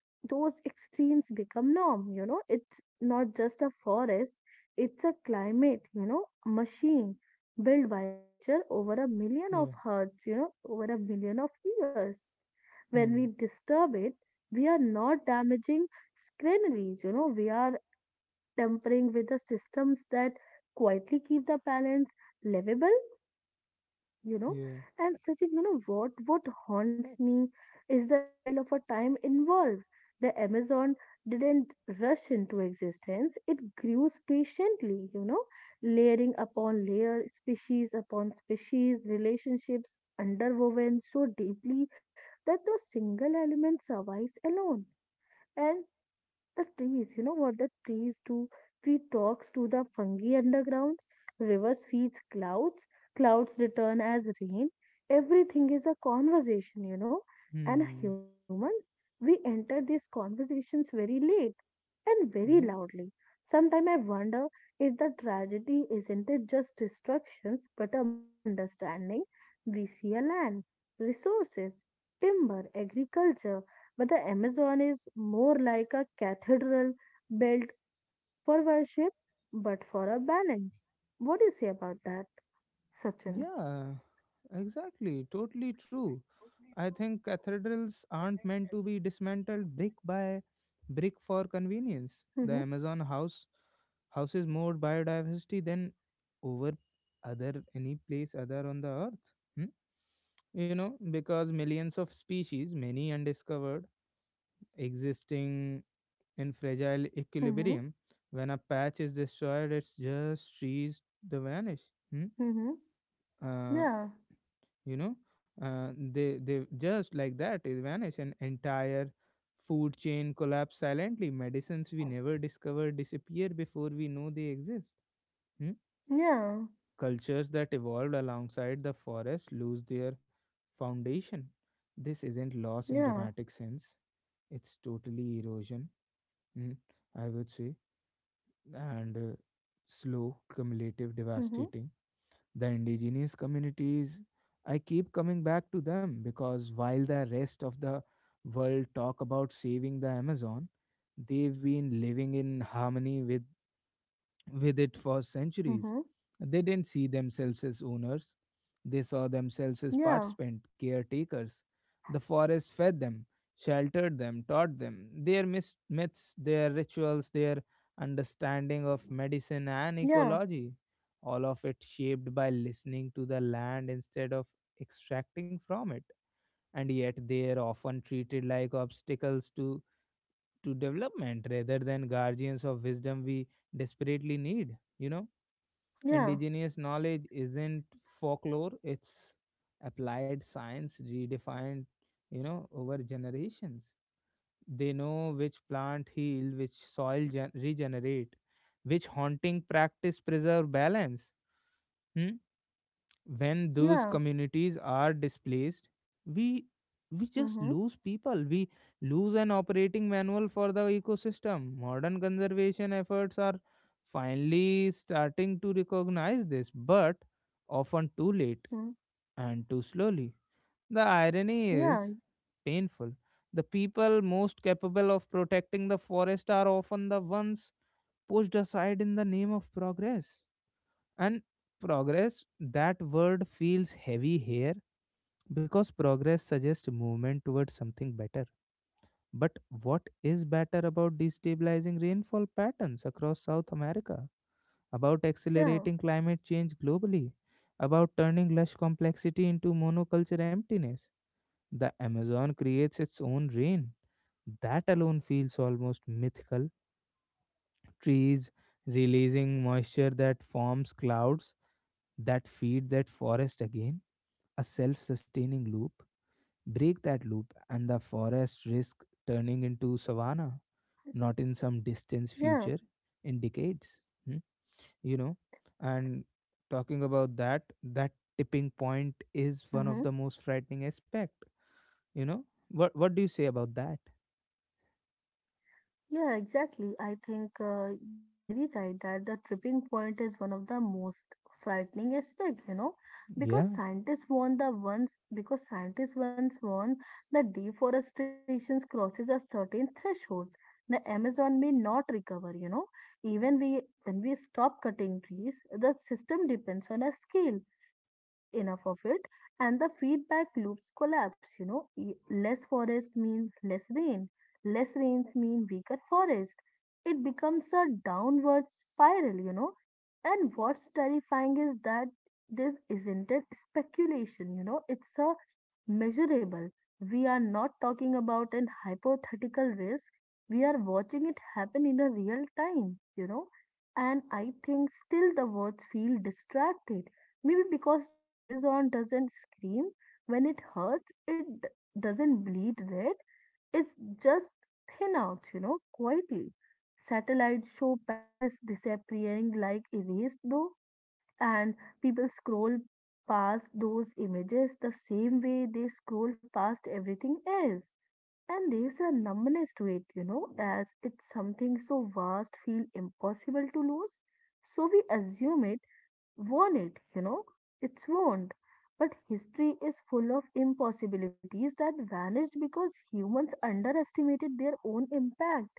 Speaker 2: those extremes become norm. It's not just a forest, it's a climate, machine built by a nature over a million of
Speaker 1: Yeah.
Speaker 2: hertz, over a million of years. When we
Speaker 1: Hmm.
Speaker 2: disturb it, we are not damaging granaries, we are tempering with the systems that quietly keep the balance livable you know
Speaker 1: Yeah.
Speaker 2: and Sachin, you know what haunts me is the scale of a time involved. The Amazon didn't rush into existence, it grew patiently. Layering upon layer, species upon species, relationships underwoven so deeply that no single element survives alone. And the trees, you know what the trees do? Tree talks to the fungi undergrounds, rivers feeds clouds, clouds return as rain. Everything is a conversation. And
Speaker 1: Hmm.
Speaker 2: humans, we enter these conversations very late and very
Speaker 1: Yeah.
Speaker 2: loudly. Sometimes I wonder if the tragedy isn't it just destructions but a misunderstanding. We see a land, resources, timber, agriculture, but the Amazon is more like a cathedral built not for worship but for a balance. What do you say about that, Sachin?
Speaker 1: Yeah, exactly. Totally true. I think cathedrals aren't meant to be dismantled brick by brick for convenience.
Speaker 2: Mm-hmm,
Speaker 1: The Amazon houses more biodiversity than over other any place other on the earth. Hmm? You know, because millions of species, many undiscovered, existing in fragile
Speaker 2: mm-hmm,
Speaker 1: equilibrium. When a patch is destroyed, it's just trees to vanish. Hmm?
Speaker 2: mm-hmm.
Speaker 1: Uh,
Speaker 2: Yeah.
Speaker 1: you know, uh, they just like that they vanish, an entire food chain collapse silently, medicines we never discover disappear before we know they exist. Hmm?
Speaker 2: Yeah,
Speaker 1: Cultures that evolved alongside the forest lose their foundation. This isn't loss in
Speaker 2: yeah,
Speaker 1: dramatic sense, it's totally erosion. Hmm, I would say. And slow, cumulative,
Speaker 2: mhm,
Speaker 1: devastating. The indigenous communities, I keep coming back to them because while the rest of the world talk about saving the Amazon, they've been living in harmony with it for centuries.
Speaker 2: mhm,
Speaker 1: They didn't see themselves as owners, they saw themselves as
Speaker 2: yeah,
Speaker 1: participant caretakers. The forest fed them, sheltered them, taught them. Their myths, their rituals, their understanding of medicine and
Speaker 2: yeah,
Speaker 1: ecology, all of it shaped by listening to the land instead of extracting from it. And yet they are often treated like obstacles to development rather than guardians of wisdom we desperately need, you know?
Speaker 2: yeah,
Speaker 1: Indigenous knowledge isn't folklore, it's applied science redefined, you know, over generations. They know which plant heal, which soil regenerate, which haunting practice preserve balance. Hmm, when those
Speaker 2: yeah.
Speaker 1: communities are displaced, we we just
Speaker 2: Mhm,
Speaker 1: lose people, we lose an operating manual for the ecosystem. Modern conservation efforts are finally starting to recognize this, but often too late
Speaker 2: mhm.
Speaker 1: and too slowly. The irony is
Speaker 2: Yeah,
Speaker 1: painful. The people most capable of protecting the forest are often the ones pushed aside in the name of progress. And progress, that word feels heavy here, because progress suggests movement towards something better. But what is better about destabilizing rainfall patterns across South America? About
Speaker 2: yeah,
Speaker 1: accelerating climate change globally? About turning lush complexity into monoculture emptiness? The Amazon creates its own rain. That alone feels almost mythical. Trees releasing moisture that forms clouds that feed that forest again, a self sustaining loop. Break that loop, and the forest risk turning into savanna, not in some distant
Speaker 2: yeah.
Speaker 1: future, in decades. Hmm. You know, and talking about that, that tipping point is
Speaker 2: Mhm.
Speaker 1: one of the most frightening aspect. You know, what do you say about that?
Speaker 2: Yeah, exactly. I think you're very right that the tripping point is one of the most frightening aspect, because
Speaker 1: Yeah,
Speaker 2: scientists warn the ones because scientists once warned that deforestation crosses a certain thresholds. The Amazon may not recover. Even we when we stop cutting trees, the system depends on a scale. Lose enough of it, and the feedback loops collapse. Less forest means less rain. Less rains mean weaker forest. It becomes a downward spiral. And what's terrifying is that this isn't a speculation, it's a measurable. We are not talking about an hypothetical risk. We are watching it happen in a real time. And I think still the words feel distracted. Maybe because the Amazon doesn't scream when it hurts, it doesn't bleed red, is just thin out, quietly. Satellites show patches disappearing like erased though, and people scroll past those images the same way they scroll past everything else. And there's a numbness to it, as it's something so vast feel impossible to lose. So we assume it won it, you know? It's won't. But history is full of impossibilities that vanished because humans underestimated their own impact.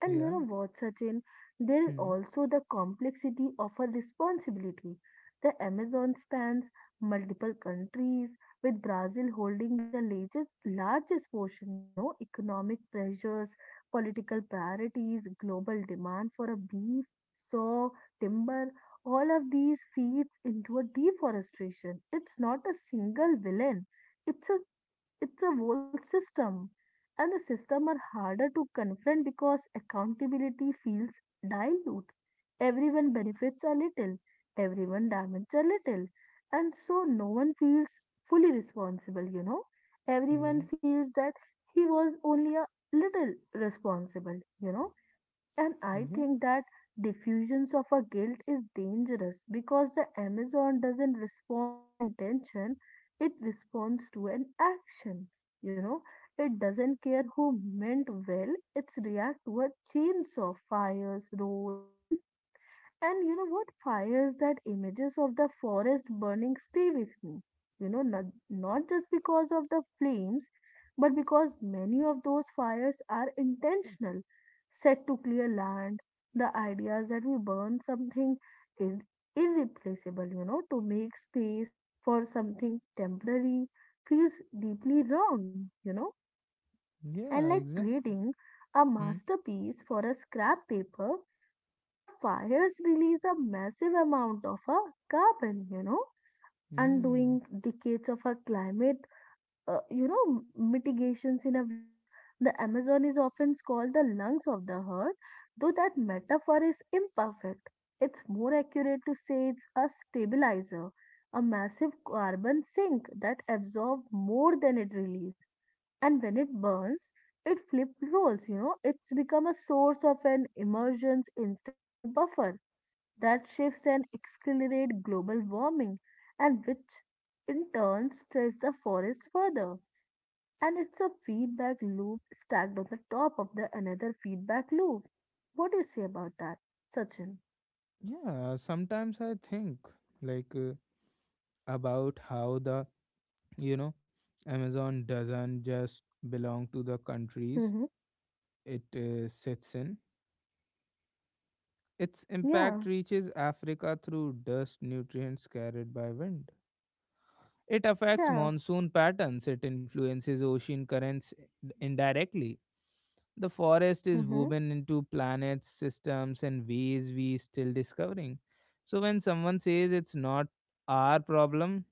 Speaker 2: And you
Speaker 1: yeah,
Speaker 2: know what, Sachin? There is
Speaker 1: hmm,
Speaker 2: also the complexity of a responsibility. The Amazon spans multiple countries, with Brazil holding the largest portion, economic pressures, political priorities, global demand for a beef, soy, timber, all of these feeds into a deforestation. It's not a single villain. It's a whole system. And the system are harder to confront because accountability feels dilute. Everyone benefits a little, everyone damages a little. And so no one feels fully responsible.
Speaker 1: yeah,
Speaker 2: Everyone feels that he was only a little responsible. And I
Speaker 1: yeah,
Speaker 2: think that diffusions of a guilt is dangerous because the Amazon doesn't respond to intention, it responds to an action. You know, it doesn't care who meant well, it's react to a chains of fires, roads, and and you know what fires — that images of the forest burning stay with me. You know, not, not just because of the flames, but because many of those fires are intentional, set to clear land. The ideas that we burn something ir- irreplaceable, to make space for something temporary feels deeply wrong, and
Speaker 1: yeah,
Speaker 2: like
Speaker 1: exactly.
Speaker 2: creating a
Speaker 1: Hmm.
Speaker 2: masterpiece for a scrap paper. The fires release a massive amount of carbon,
Speaker 1: Hmm.
Speaker 2: undoing decades of our climate, mitigations in a week. The Amazon is often called the lungs of the earth, though that metaphor is imperfect. It's more accurate to say it's a stabilizer, a massive carbon sink that absorbs more than it releases. And when it burns, it flip roles, it's become a source of an emergence instead of a buffer that shifts and accelerate global warming, and which in turn stress the forest further. And it's a feedback loop stacked on the top of the another feedback loop. What do you say about that, Sachin?
Speaker 1: Yeah, sometimes I think like about how the, you know, Amazon doesn't just belong to the countries
Speaker 2: Mhm.
Speaker 1: it sits in. Its impact
Speaker 2: Yeah,
Speaker 1: reaches Africa through dust nutrients carried by wind. It affects
Speaker 2: yeah.
Speaker 1: monsoon patterns, it influences ocean currents indirectly. The forest is
Speaker 2: Mhm.
Speaker 1: woven into planets, systems, and ways we still discovering. So when someone says it's not our problem,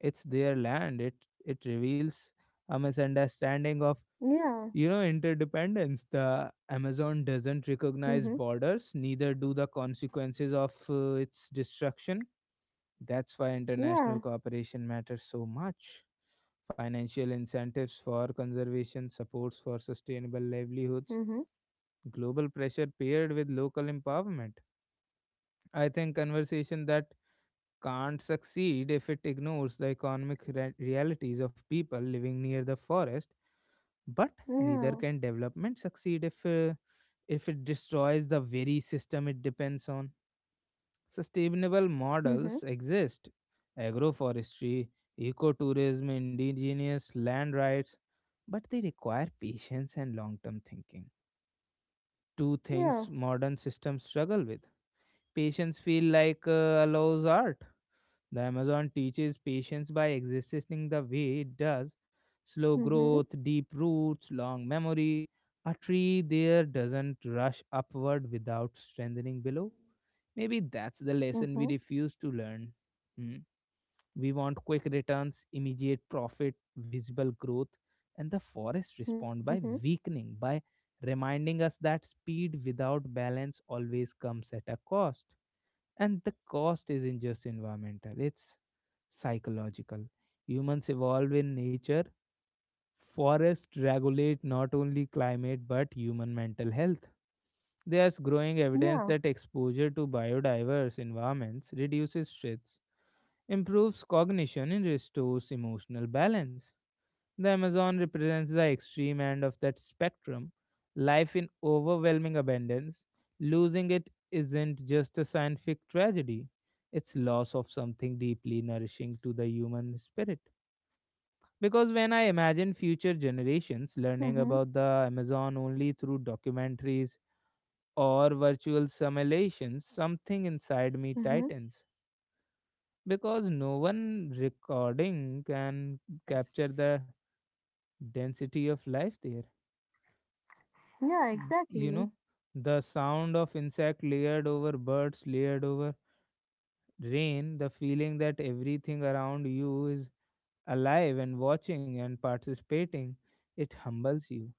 Speaker 1: it's their land. It reveals a misunderstanding of,
Speaker 2: Yeah.
Speaker 1: you know, interdependence. The Amazon doesn't
Speaker 2: Mhm.
Speaker 1: recognize borders, neither do the consequences of its destruction. That's why international
Speaker 2: Yeah.
Speaker 1: cooperation matters so much, financial incentives for conservation, supports for sustainable livelihoods,
Speaker 2: Mhm.
Speaker 1: global pressure paired with local empowerment. I think conversation that can't succeed if it ignores the economic realities of people living near the forest, but neither
Speaker 2: Yeah.
Speaker 1: can development succeed if if it destroys the very system it depends on. Sustainable models
Speaker 2: Mhm.
Speaker 1: exist, agroforestry, ecotourism, indigenous land rights, but they require patience and long term thinking, two things
Speaker 2: Yeah.
Speaker 1: modern systems struggle with. Patience feel like allows art. The Amazon teaches patience by existing the way it does, slow
Speaker 2: Mhm.
Speaker 1: growth, deep roots, long memory. A tree there doesn't rush upward without strengthening below. Maybe that's the lesson we
Speaker 2: Mhm.
Speaker 1: refuse to learn. Hmm. We want quick returns, immediate profit, visible growth, and the forest respond
Speaker 2: Mhm.
Speaker 1: by weakening, by reminding us that speed without balance always comes at a cost. And the cost isn't just environmental, it's psychological. Humans evolve in nature. Forests regulate not only climate but human mental health. There's growing evidence
Speaker 2: Yeah.
Speaker 1: that exposure to biodiverse environments reduces stress, improves cognition, and restores emotional balance. The Amazon represents the extreme end of that spectrum. Life in overwhelming abundance, losing it isn't just a scientific tragedy, it's loss of something deeply nourishing to the human spirit. Because when I imagine future generations learning
Speaker 2: Mhm.
Speaker 1: about the Amazon only through documentaries or virtual simulations, something inside me
Speaker 2: Mhm.
Speaker 1: tightens. Because no one recording can capture the density of life there.
Speaker 2: Yeah,
Speaker 1: You
Speaker 2: exactly.
Speaker 1: know, the sound of insect layered over birds, layered over rain, the feeling that everything around you is alive and watching and participating, it humbles you.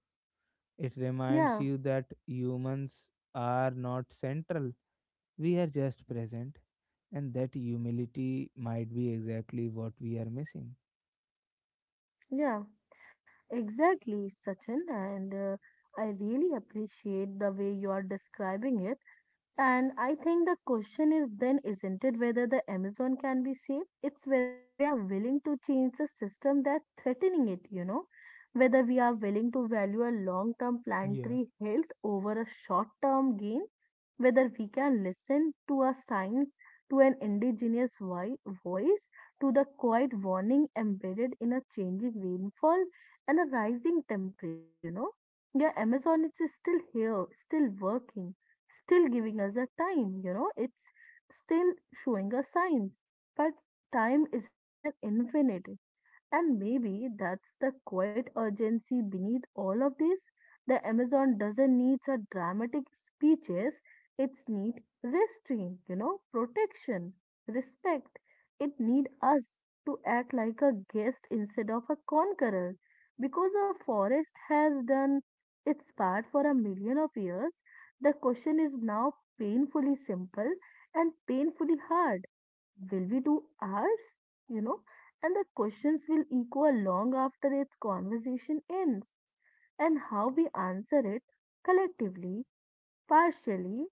Speaker 1: It reminds
Speaker 2: Yeah,
Speaker 1: you that humans are not central, we are just present, and that humility might be exactly what we are missing.
Speaker 2: yeah, exactly, Sachin, and I really appreciate the way you are describing it. And I think the question is then isn't it whether the Amazon can be saved? It's whether we are willing to change the system that's threatening it, whether we are willing to value a long term
Speaker 1: Yeah,
Speaker 2: planetary health over a short term gain, whether we can listen to a science, to an indigenous voice, to the quiet warning embedded in a changing rainfall and a rising temperature. Yeah, Amazon is still here, still working still giving us a time, it's still showing us signs. But time isn't an infinite, and maybe that's the quiet urgency beneath all of this. The Amazon doesn't need a dramatic speeches, it's need restraint, protection, respect. It need us to act like a guest instead of a conqueror. Because a forest has done its part for a million of years, the question is now painfully simple and painfully hard. Will we do ours? You know, and the questions will echo long after its conversation ends, and how we answer it collectively, partially,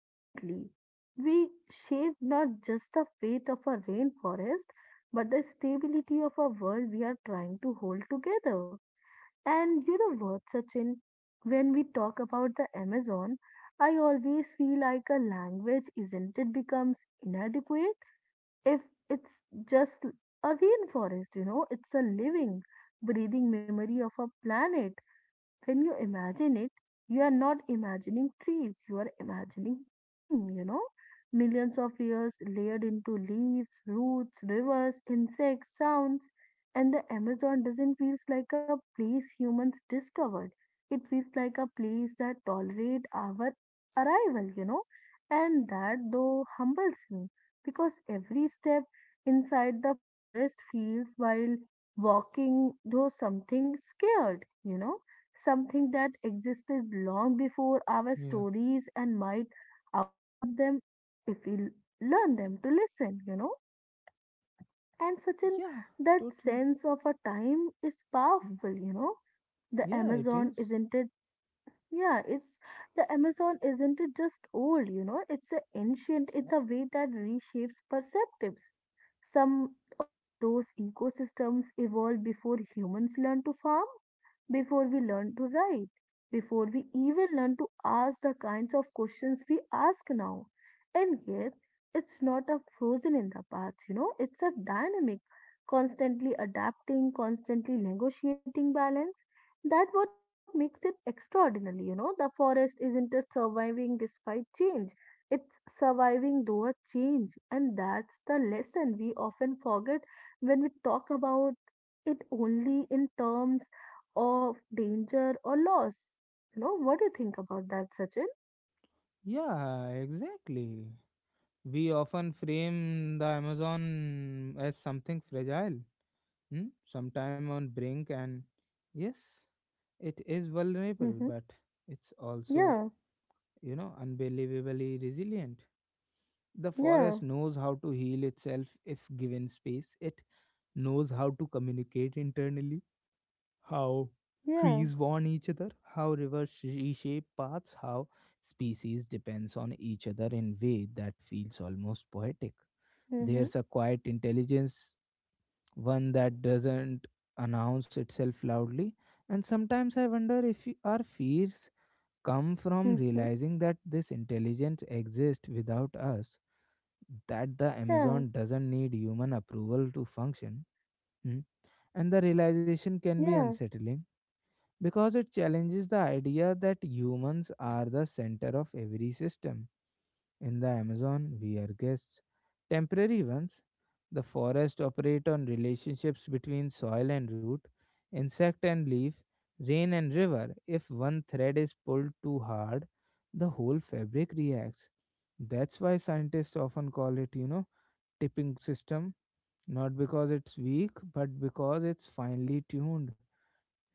Speaker 2: urgently. We shape not just the fate of a rainforest, but the stability of a world we are trying to hold together. And you know what, Sachin? When we talk about the Amazon, I always feel like a language isn't it becomes inadequate if it's just a rainforest, it's a living, breathing memory of a planet when you imagine it, you are not imagining trees, you are imagining time. Millions of years layered into leaves, roots, rivers, insects, sounds. And the Amazon doesn't feel like a place humans discovered. It feels like a place that tolerates our arrival. And that though humbles me because every step inside the forest feels while walking though something scared, something that existed long before our
Speaker 1: yeah,
Speaker 2: stories and might outlast them if we learn them to listen. And such an
Speaker 1: yeah,
Speaker 2: that
Speaker 1: totally.
Speaker 2: sense of a time is
Speaker 1: Mm.
Speaker 2: powerful. The
Speaker 1: Yeah, it
Speaker 2: Amazon
Speaker 1: is.
Speaker 2: isn't it yeah, it's the Amazon isn't it just old, it's a ancient in the way that reshapes perceptives. Some of those ecosystems evolved before humans learned to farm, before we learned to write, before we even learned to ask the kinds of questions we ask now. And yet, it's not a frozen in the past, it's a dynamic, constantly adapting, constantly negotiating balance that what makes it extraordinary. The forest isn't just surviving despite change. It's surviving though a change. And that's the lesson we often forget when we talk about it only in terms of danger or loss. What do you think about that, Sachin?
Speaker 1: Yeah, exactly. We often frame the Amazon as something fragile, mm? Sometime on brink, and yes, it is vulnerable,
Speaker 2: Mm-hmm.
Speaker 1: but it's also,
Speaker 2: Yeah,
Speaker 1: you know, unbelievably resilient. The
Speaker 2: yeah,
Speaker 1: forest knows how to heal itself if given space. It knows how to communicate internally, how
Speaker 2: yeah.
Speaker 1: trees warn each other, how rivers reshape paths, how species depends on each other in way that feels almost poetic.
Speaker 2: Mm-hmm.
Speaker 1: There's a quiet intelligence, one that doesn't announce itself loudly, and sometimes I wonder if our fears come from
Speaker 2: Mm-hmm.
Speaker 1: realizing that this intelligence exists without us, that the
Speaker 2: Yeah,
Speaker 1: Amazon doesn't need human approval to function. Hmm. And the realization can be
Speaker 2: yeah,
Speaker 1: unsettling because it challenges the idea that humans are the center of every system. In the Amazon, we are guests, temporary ones. The forests operate on relationships between soil and root, insect and leaf, rain and river. If one thread is pulled too hard, the whole fabric reacts. That's why scientists often call it, you know, tipping system, not because it's weak, but because it's finely tuned.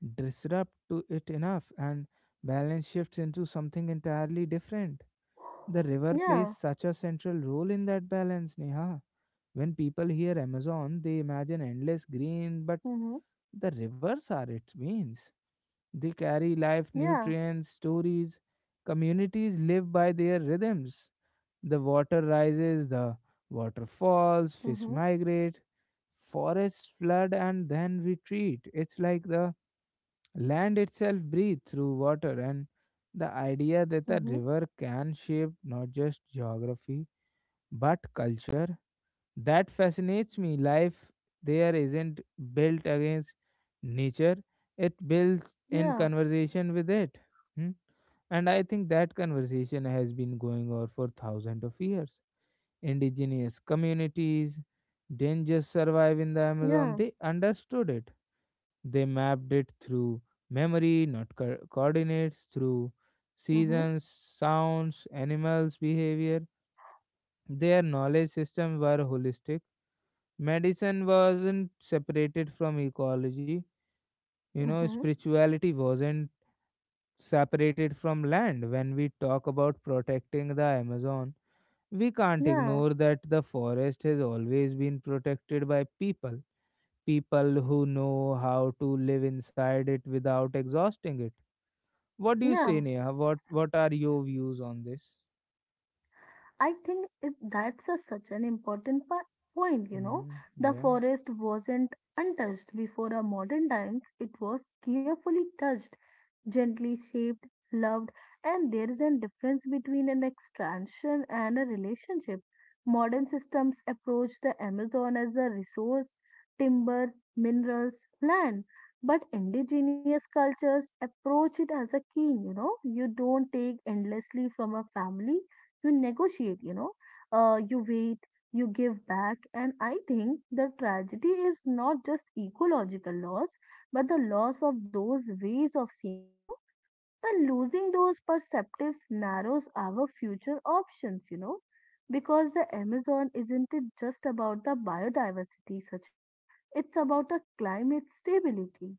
Speaker 1: Disrupt to it enough and balance shifts into something entirely different. The river plays
Speaker 2: yeah.
Speaker 1: such a central role in that balance, Neha. When people hear Amazon, they imagine endless green, but
Speaker 2: Mm-hmm.
Speaker 1: the rivers are its means. They carry life,
Speaker 2: Yeah.
Speaker 1: nutrients, stories. Communities live by their rhythms. The water rises, the water falls, fish
Speaker 2: Mm-hmm.
Speaker 1: migrate, forests flood and then retreat. It's like the land itself breathes through water, and the idea that a
Speaker 2: Mm-hmm.
Speaker 1: river can shape not just geography but culture, that fascinates me. Life there isn't built against nature, it builds in
Speaker 2: Yeah,
Speaker 1: conversation with it. Hmm? And I think that conversation has been going on for thousands of years. Indigenous communities didn't just survive in the Amazon,
Speaker 2: yeah.
Speaker 1: they understood it. They mapped it through memory, not coordinates, through
Speaker 2: Mhm.
Speaker 1: seasons, sounds, animals, behavior. Their knowledge systems were holistic. Medicine wasn't separated from ecology. You know,
Speaker 2: Mhm.
Speaker 1: spirituality wasn't separated from land. When we talk about protecting the Amazon, we can't
Speaker 2: Yeah.
Speaker 1: ignore that the forest has always been protected by people, people who know how to live inside it without exhausting it. What do you
Speaker 2: Yeah.
Speaker 1: say, Neha? What are your views on this?
Speaker 2: That's such an important point.
Speaker 1: Hmm.
Speaker 2: The
Speaker 1: Yeah.
Speaker 2: forest wasn't untouched before our modern times, it was carefully touched, gently shaped, loved, and there is a difference between an extraction and a relationship. Modern systems approach the Amazon as a resource, timber, minerals, land. But indigenous cultures approach it as a king, you know. You don't take endlessly from a family you negotiate, you wait, you give back. And I think the tragedy is not just ecological loss, but the loss of those ways of seeing. And losing those perceptives narrows our future options, because the Amazon isn't it just about the biodiversity, Sachin? It's about a climate stability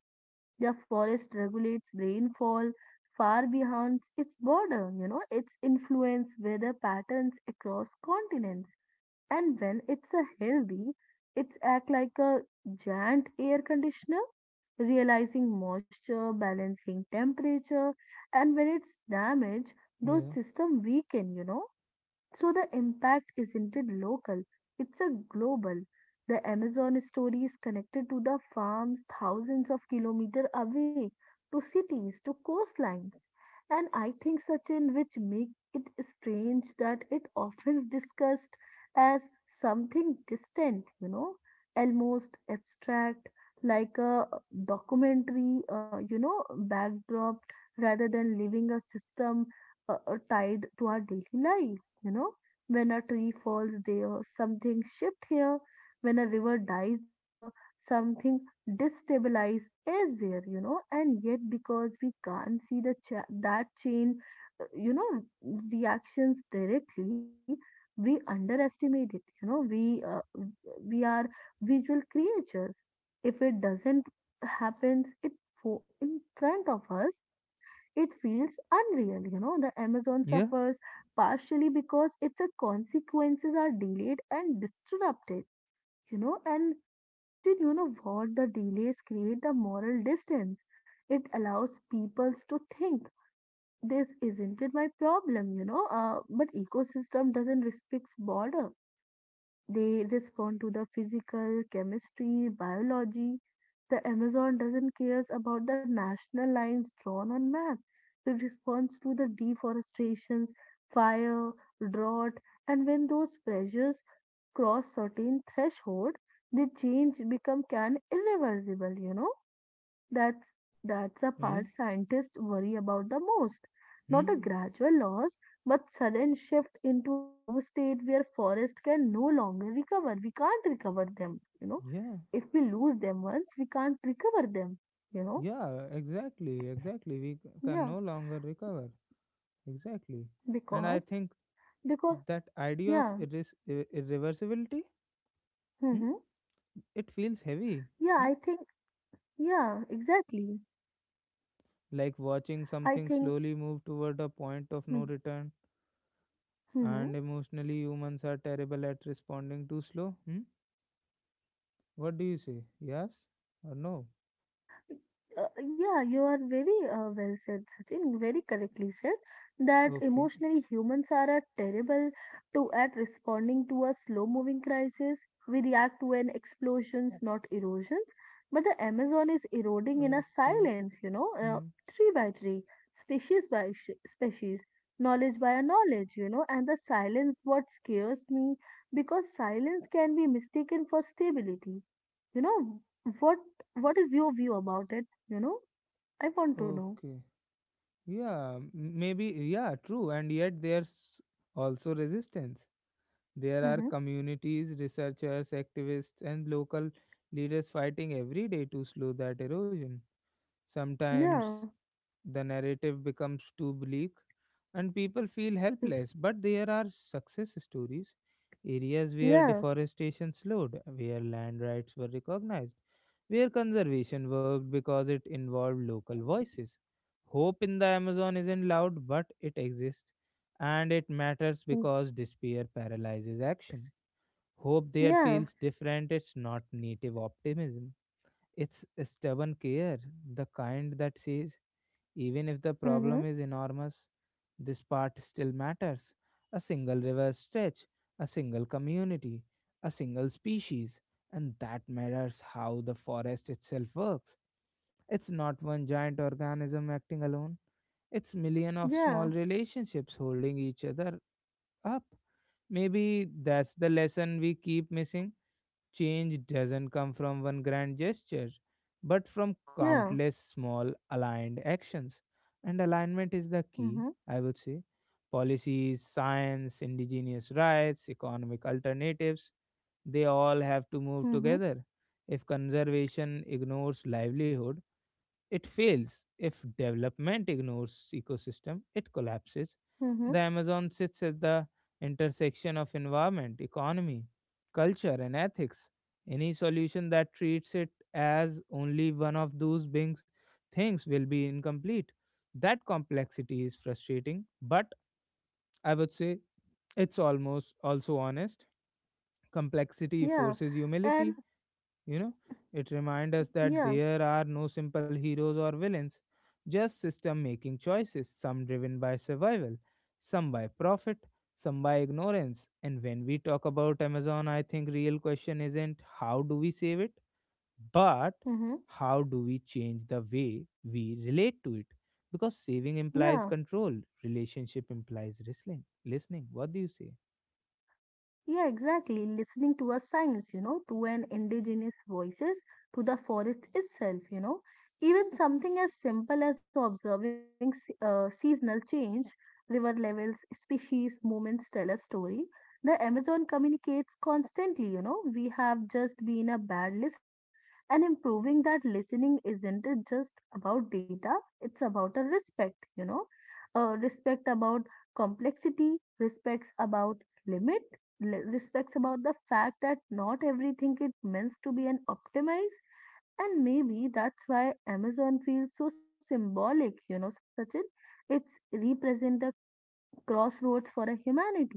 Speaker 2: the forest regulates rainfall far beyond its border, its influence weather patterns across continents. And when it's a healthy, it's act like a giant air conditioner, realizing moisture, balancing temperature, and when it's damaged, those
Speaker 1: Yeah.
Speaker 2: system weaken, so the impact isn't it local, it's a global. The Amazon story is connected to the farms thousands of kilometers away, to cities, to coastlines. And I think, Sachin, which make it strange that it often is discussed as something distant, almost abstract, like a documentary, backdrop, rather than living a system tied to our daily lives. When a tree falls there, something shift here. When a river dies there, something destabilize elsewhere, and yet because we can't see the that chain, uh, you know, reactions directly, we underestimate it. We are visual creatures. If it doesn't happens, it in front of us, it feels unreal. The Amazon
Speaker 1: Yeah.
Speaker 2: suffers partially because its consequences are delayed and disrupted, and Sachin, you know what the delays create the moral distance. It allows peoples to think this isn't it my problem. But ecosystem doesn't respect border. They respond to the physical, chemistry, biology. The Amazon doesn't cares about the national lines drawn on map. It responds to the deforestations, fire, drought, and when those pressures cross certain threshold, the change become can irreversible, you know that's that's the part
Speaker 1: Yeah.
Speaker 2: scientists worry about the most. Not a
Speaker 1: Hmm.
Speaker 2: gradual loss, but sudden shift into a new state where forest can no longer recover. We can't recover them.
Speaker 1: Yeah.
Speaker 2: If we lose them once, we can't recover them, you know.
Speaker 1: Yeah. Exactly. Exactly. We can
Speaker 2: Yeah,
Speaker 1: no longer recover. Exactly. And
Speaker 2: because
Speaker 1: I think
Speaker 2: because
Speaker 1: that idea of
Speaker 2: yeah,
Speaker 1: irreversibility, hmm,
Speaker 2: hmm
Speaker 1: it feels heavy.
Speaker 2: yeah.
Speaker 1: Hmm?
Speaker 2: I think. Yeah, exactly.
Speaker 1: Like watching
Speaker 2: I
Speaker 1: something
Speaker 2: think.
Speaker 1: slowly move toward a point of
Speaker 2: Hmm.
Speaker 1: no return.
Speaker 2: Mm-hmm.
Speaker 1: And emotionally, humans are terrible at responding too slow. Hmm? What do you say? Yes or no?
Speaker 2: Uh, yeah, you are very well said, Sachin. Very correctly said that
Speaker 1: Okay.
Speaker 2: emotionally humans are a terrible to at responding to a slow-moving crisis. We react to an explosions, not erosions. But the Amazon is eroding in a
Speaker 1: Okay.
Speaker 2: silence,
Speaker 1: Hmm.
Speaker 2: tree by tree, species by sh species, knowledge by a knowledge. And the silence what scares me because silence can be mistaken for stability you know, what what is your view about it? I want to know.
Speaker 1: Okay. Yeah, maybe. Yeah, true. And yet there's also resistance. There are
Speaker 2: Mm-hmm.
Speaker 1: communities, researchers, activists, and local leaders fighting every day to slow that erosion.
Speaker 2: Yeah.
Speaker 1: Sometimes the narrative becomes too bleak and people feel
Speaker 2: Mm.
Speaker 1: helpless. But there are success stories, areas where
Speaker 2: Yeah.
Speaker 1: deforestation slowed, where land rights were recognized, where conservation worked because it involved local voices. Hope in the Amazon isn't loud, but it exists and it matters
Speaker 2: Mm.
Speaker 1: because despair paralyzes action. Hope there
Speaker 2: Yeah.
Speaker 1: feels different, it's not native optimism. It's a stubborn care, the kind that says, even if the
Speaker 2: Mm-hmm.
Speaker 1: problem is enormous, this part still matters. A single river stretch, a single community, a single species, and that matters how the forest itself works. It's not one giant organism acting alone, it's million of small
Speaker 2: Yeah.
Speaker 1: relationships holding each other up. Maybe that's the lesson we keep missing. Change doesn't come from one grand gesture, but from
Speaker 2: Yeah.
Speaker 1: countless small aligned actions. And alignment is the key,
Speaker 2: Mm-hmm.
Speaker 1: I would say. Policies, science, indigenous rights, economic alternatives, they all have to move
Speaker 2: Mm-hmm.
Speaker 1: together. If conservation ignores livelihood, it fails. If development ignores ecosystem, it collapses.
Speaker 2: Mm-hmm.
Speaker 1: The Amazon sits at the intersection of environment, economy, culture, and ethics. Any solution that treats it as only one of those beings, things will be incomplete. That complexity is frustrating, but I would say it's almost also honest. Complexity
Speaker 2: Yeah.
Speaker 1: forces
Speaker 2: And
Speaker 1: humility, you know, it reminds us that
Speaker 2: yeah.
Speaker 1: there are no simple heroes or villains, just system making choices, some driven by survival, some by profit, some by ignorance. And when we talk about Amazon, I think real question isn't how do we save it, but
Speaker 2: Mm-hmm.
Speaker 1: how do we change the way we relate to it? Because saving
Speaker 2: Yeah.
Speaker 1: implies control, relationship implies listening. Listening. What do you say?
Speaker 2: Yeah, exactly. Listening to a science, to an indigenous voices, to the forest itself. Even something as simple as observing seasonal change, river levels, species, movements tell a story. The Amazon communicates constantly. We have just been a bad listener. And improving that listening isn't it just about data, it's about a respect. Respect about complexity, respects about limit respects about the fact that not everything is meant to be an optimized, and maybe that's why Amazon feels so symbolic, Sachin. It's represent the crossroads for a humanity,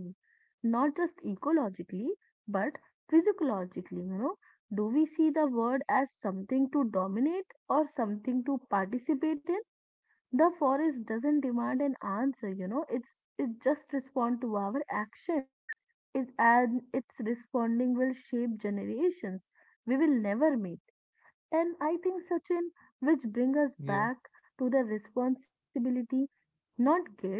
Speaker 2: not just ecologically but physiologically. Do we see the world as something to dominate or something to participate in? The forest doesn't demand an answer. It just respond to our action it and its responding will shape generations we will never meet. And I think, Sachin, which brings us
Speaker 1: Yeah,
Speaker 2: back to the responsibility, not guilt,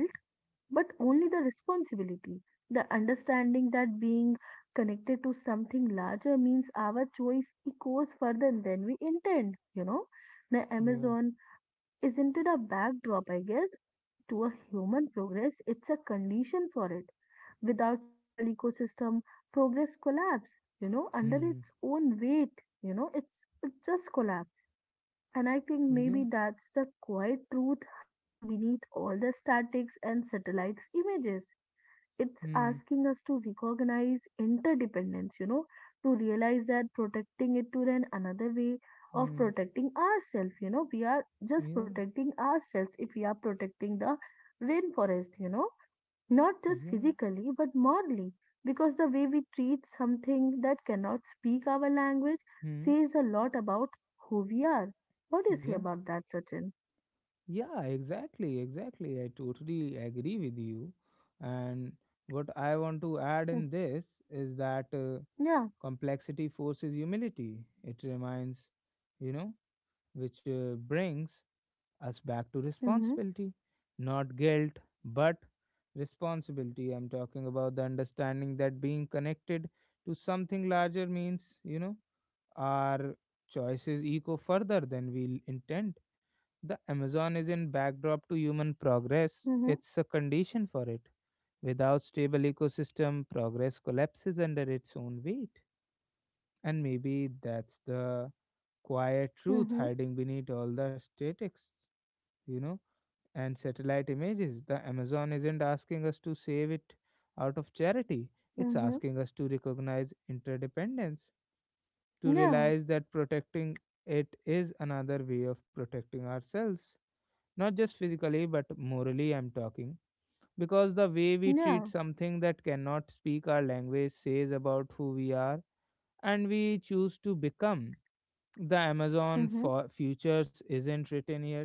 Speaker 2: but only the responsibility, the understanding that being connected to something larger means our choice echoes further than we intend. The
Speaker 1: yeah.
Speaker 2: Amazon isn't it a backdrop, I guess, to a human progress, it's a condition for it without stable ecosystem progress collapse under its
Speaker 1: Hmm.
Speaker 2: own weight. It just collapse. And I think
Speaker 1: Yeah.
Speaker 2: maybe that's the quiet truth hiding beneath all the statics and satellites images. It's
Speaker 1: Hmm.
Speaker 2: asking us to recognize interdependence, to realize that protecting it to then another way of
Speaker 1: Hmm.
Speaker 2: protecting ourselves. We are just
Speaker 1: Yeah.
Speaker 2: protecting ourselves if we are protecting the rainforest, not just
Speaker 1: Yeah.
Speaker 2: physically but morally because the way we treat something that cannot speak our language
Speaker 1: Hmm.
Speaker 2: says a lot about who we are. What do you say
Speaker 1: Yeah.
Speaker 2: about that, Sachin?
Speaker 1: Yeah. Exactly. Exactly. I totally agree with you. And what I want to
Speaker 2: Hmm.
Speaker 1: add in this is that
Speaker 2: Yeah.
Speaker 1: complexity forces humility. It reminds, you know, which brings us back to
Speaker 2: Mhm.
Speaker 1: responsibility, not guilt, but responsibility. I'm talking about the understanding that being connected to something larger means, you know, our choices echo further than we intend. The Amazon is in backdrop to human progress.
Speaker 2: Mhm.
Speaker 1: It's a condition for it. Without stable ecosystem, progress collapses under its own weight. And maybe that's the quiet truth
Speaker 2: Mhm.
Speaker 1: hiding beneath all the statics, you know, and satellite images. The Amazon isn't asking us to save it out of charity. It's
Speaker 2: Mhm.
Speaker 1: asking us to recognize interdependence, to
Speaker 2: Yeah.
Speaker 1: realize that protecting it is another way of protecting ourselves. Not just physically, but morally, I'm talking. Because the way we
Speaker 2: Yeah.
Speaker 1: treat something that cannot speak our language says about who we are and we choose to become. The Amazon
Speaker 2: Mhm.
Speaker 1: for futures isn't written yet.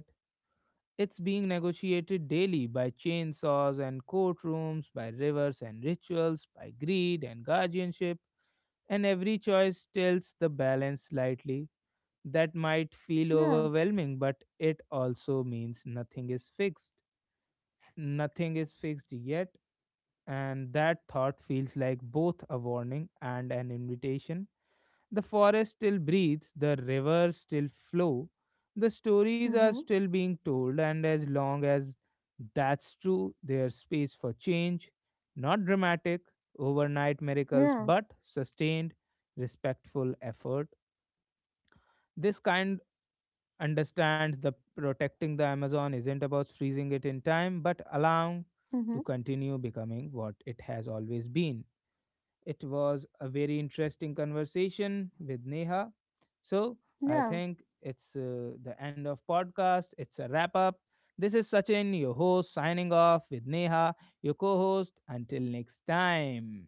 Speaker 1: It's being negotiated daily by chainsaws and courtrooms, by rivers and rituals, by greed and guardianship, and every choice tilts the balance slightly, that might feel
Speaker 2: Yeah.
Speaker 1: overwhelming, but it also means nothing is fixed. Nothing is fixed yet, and that thought feels like both a warning and an invitation. The forest still breathes, the rivers still flow, the stories are
Speaker 2: Mhm.
Speaker 1: still being told, and as long as that's true, there's space for change. Not dramatic, overnight miracles,
Speaker 2: Yeah.
Speaker 1: but sustained, respectful effort this kind understands that protecting the Amazon isn't about freezing it in time, but allowing to
Speaker 2: Mhm.
Speaker 1: continue becoming what it has always been. It was a very interesting conversation with Neha. So I
Speaker 2: Yeah.
Speaker 1: think it's the end of podcast. It's a wrap up. This is Sachin, your host, signing off with Neha, your co-host. Until next time.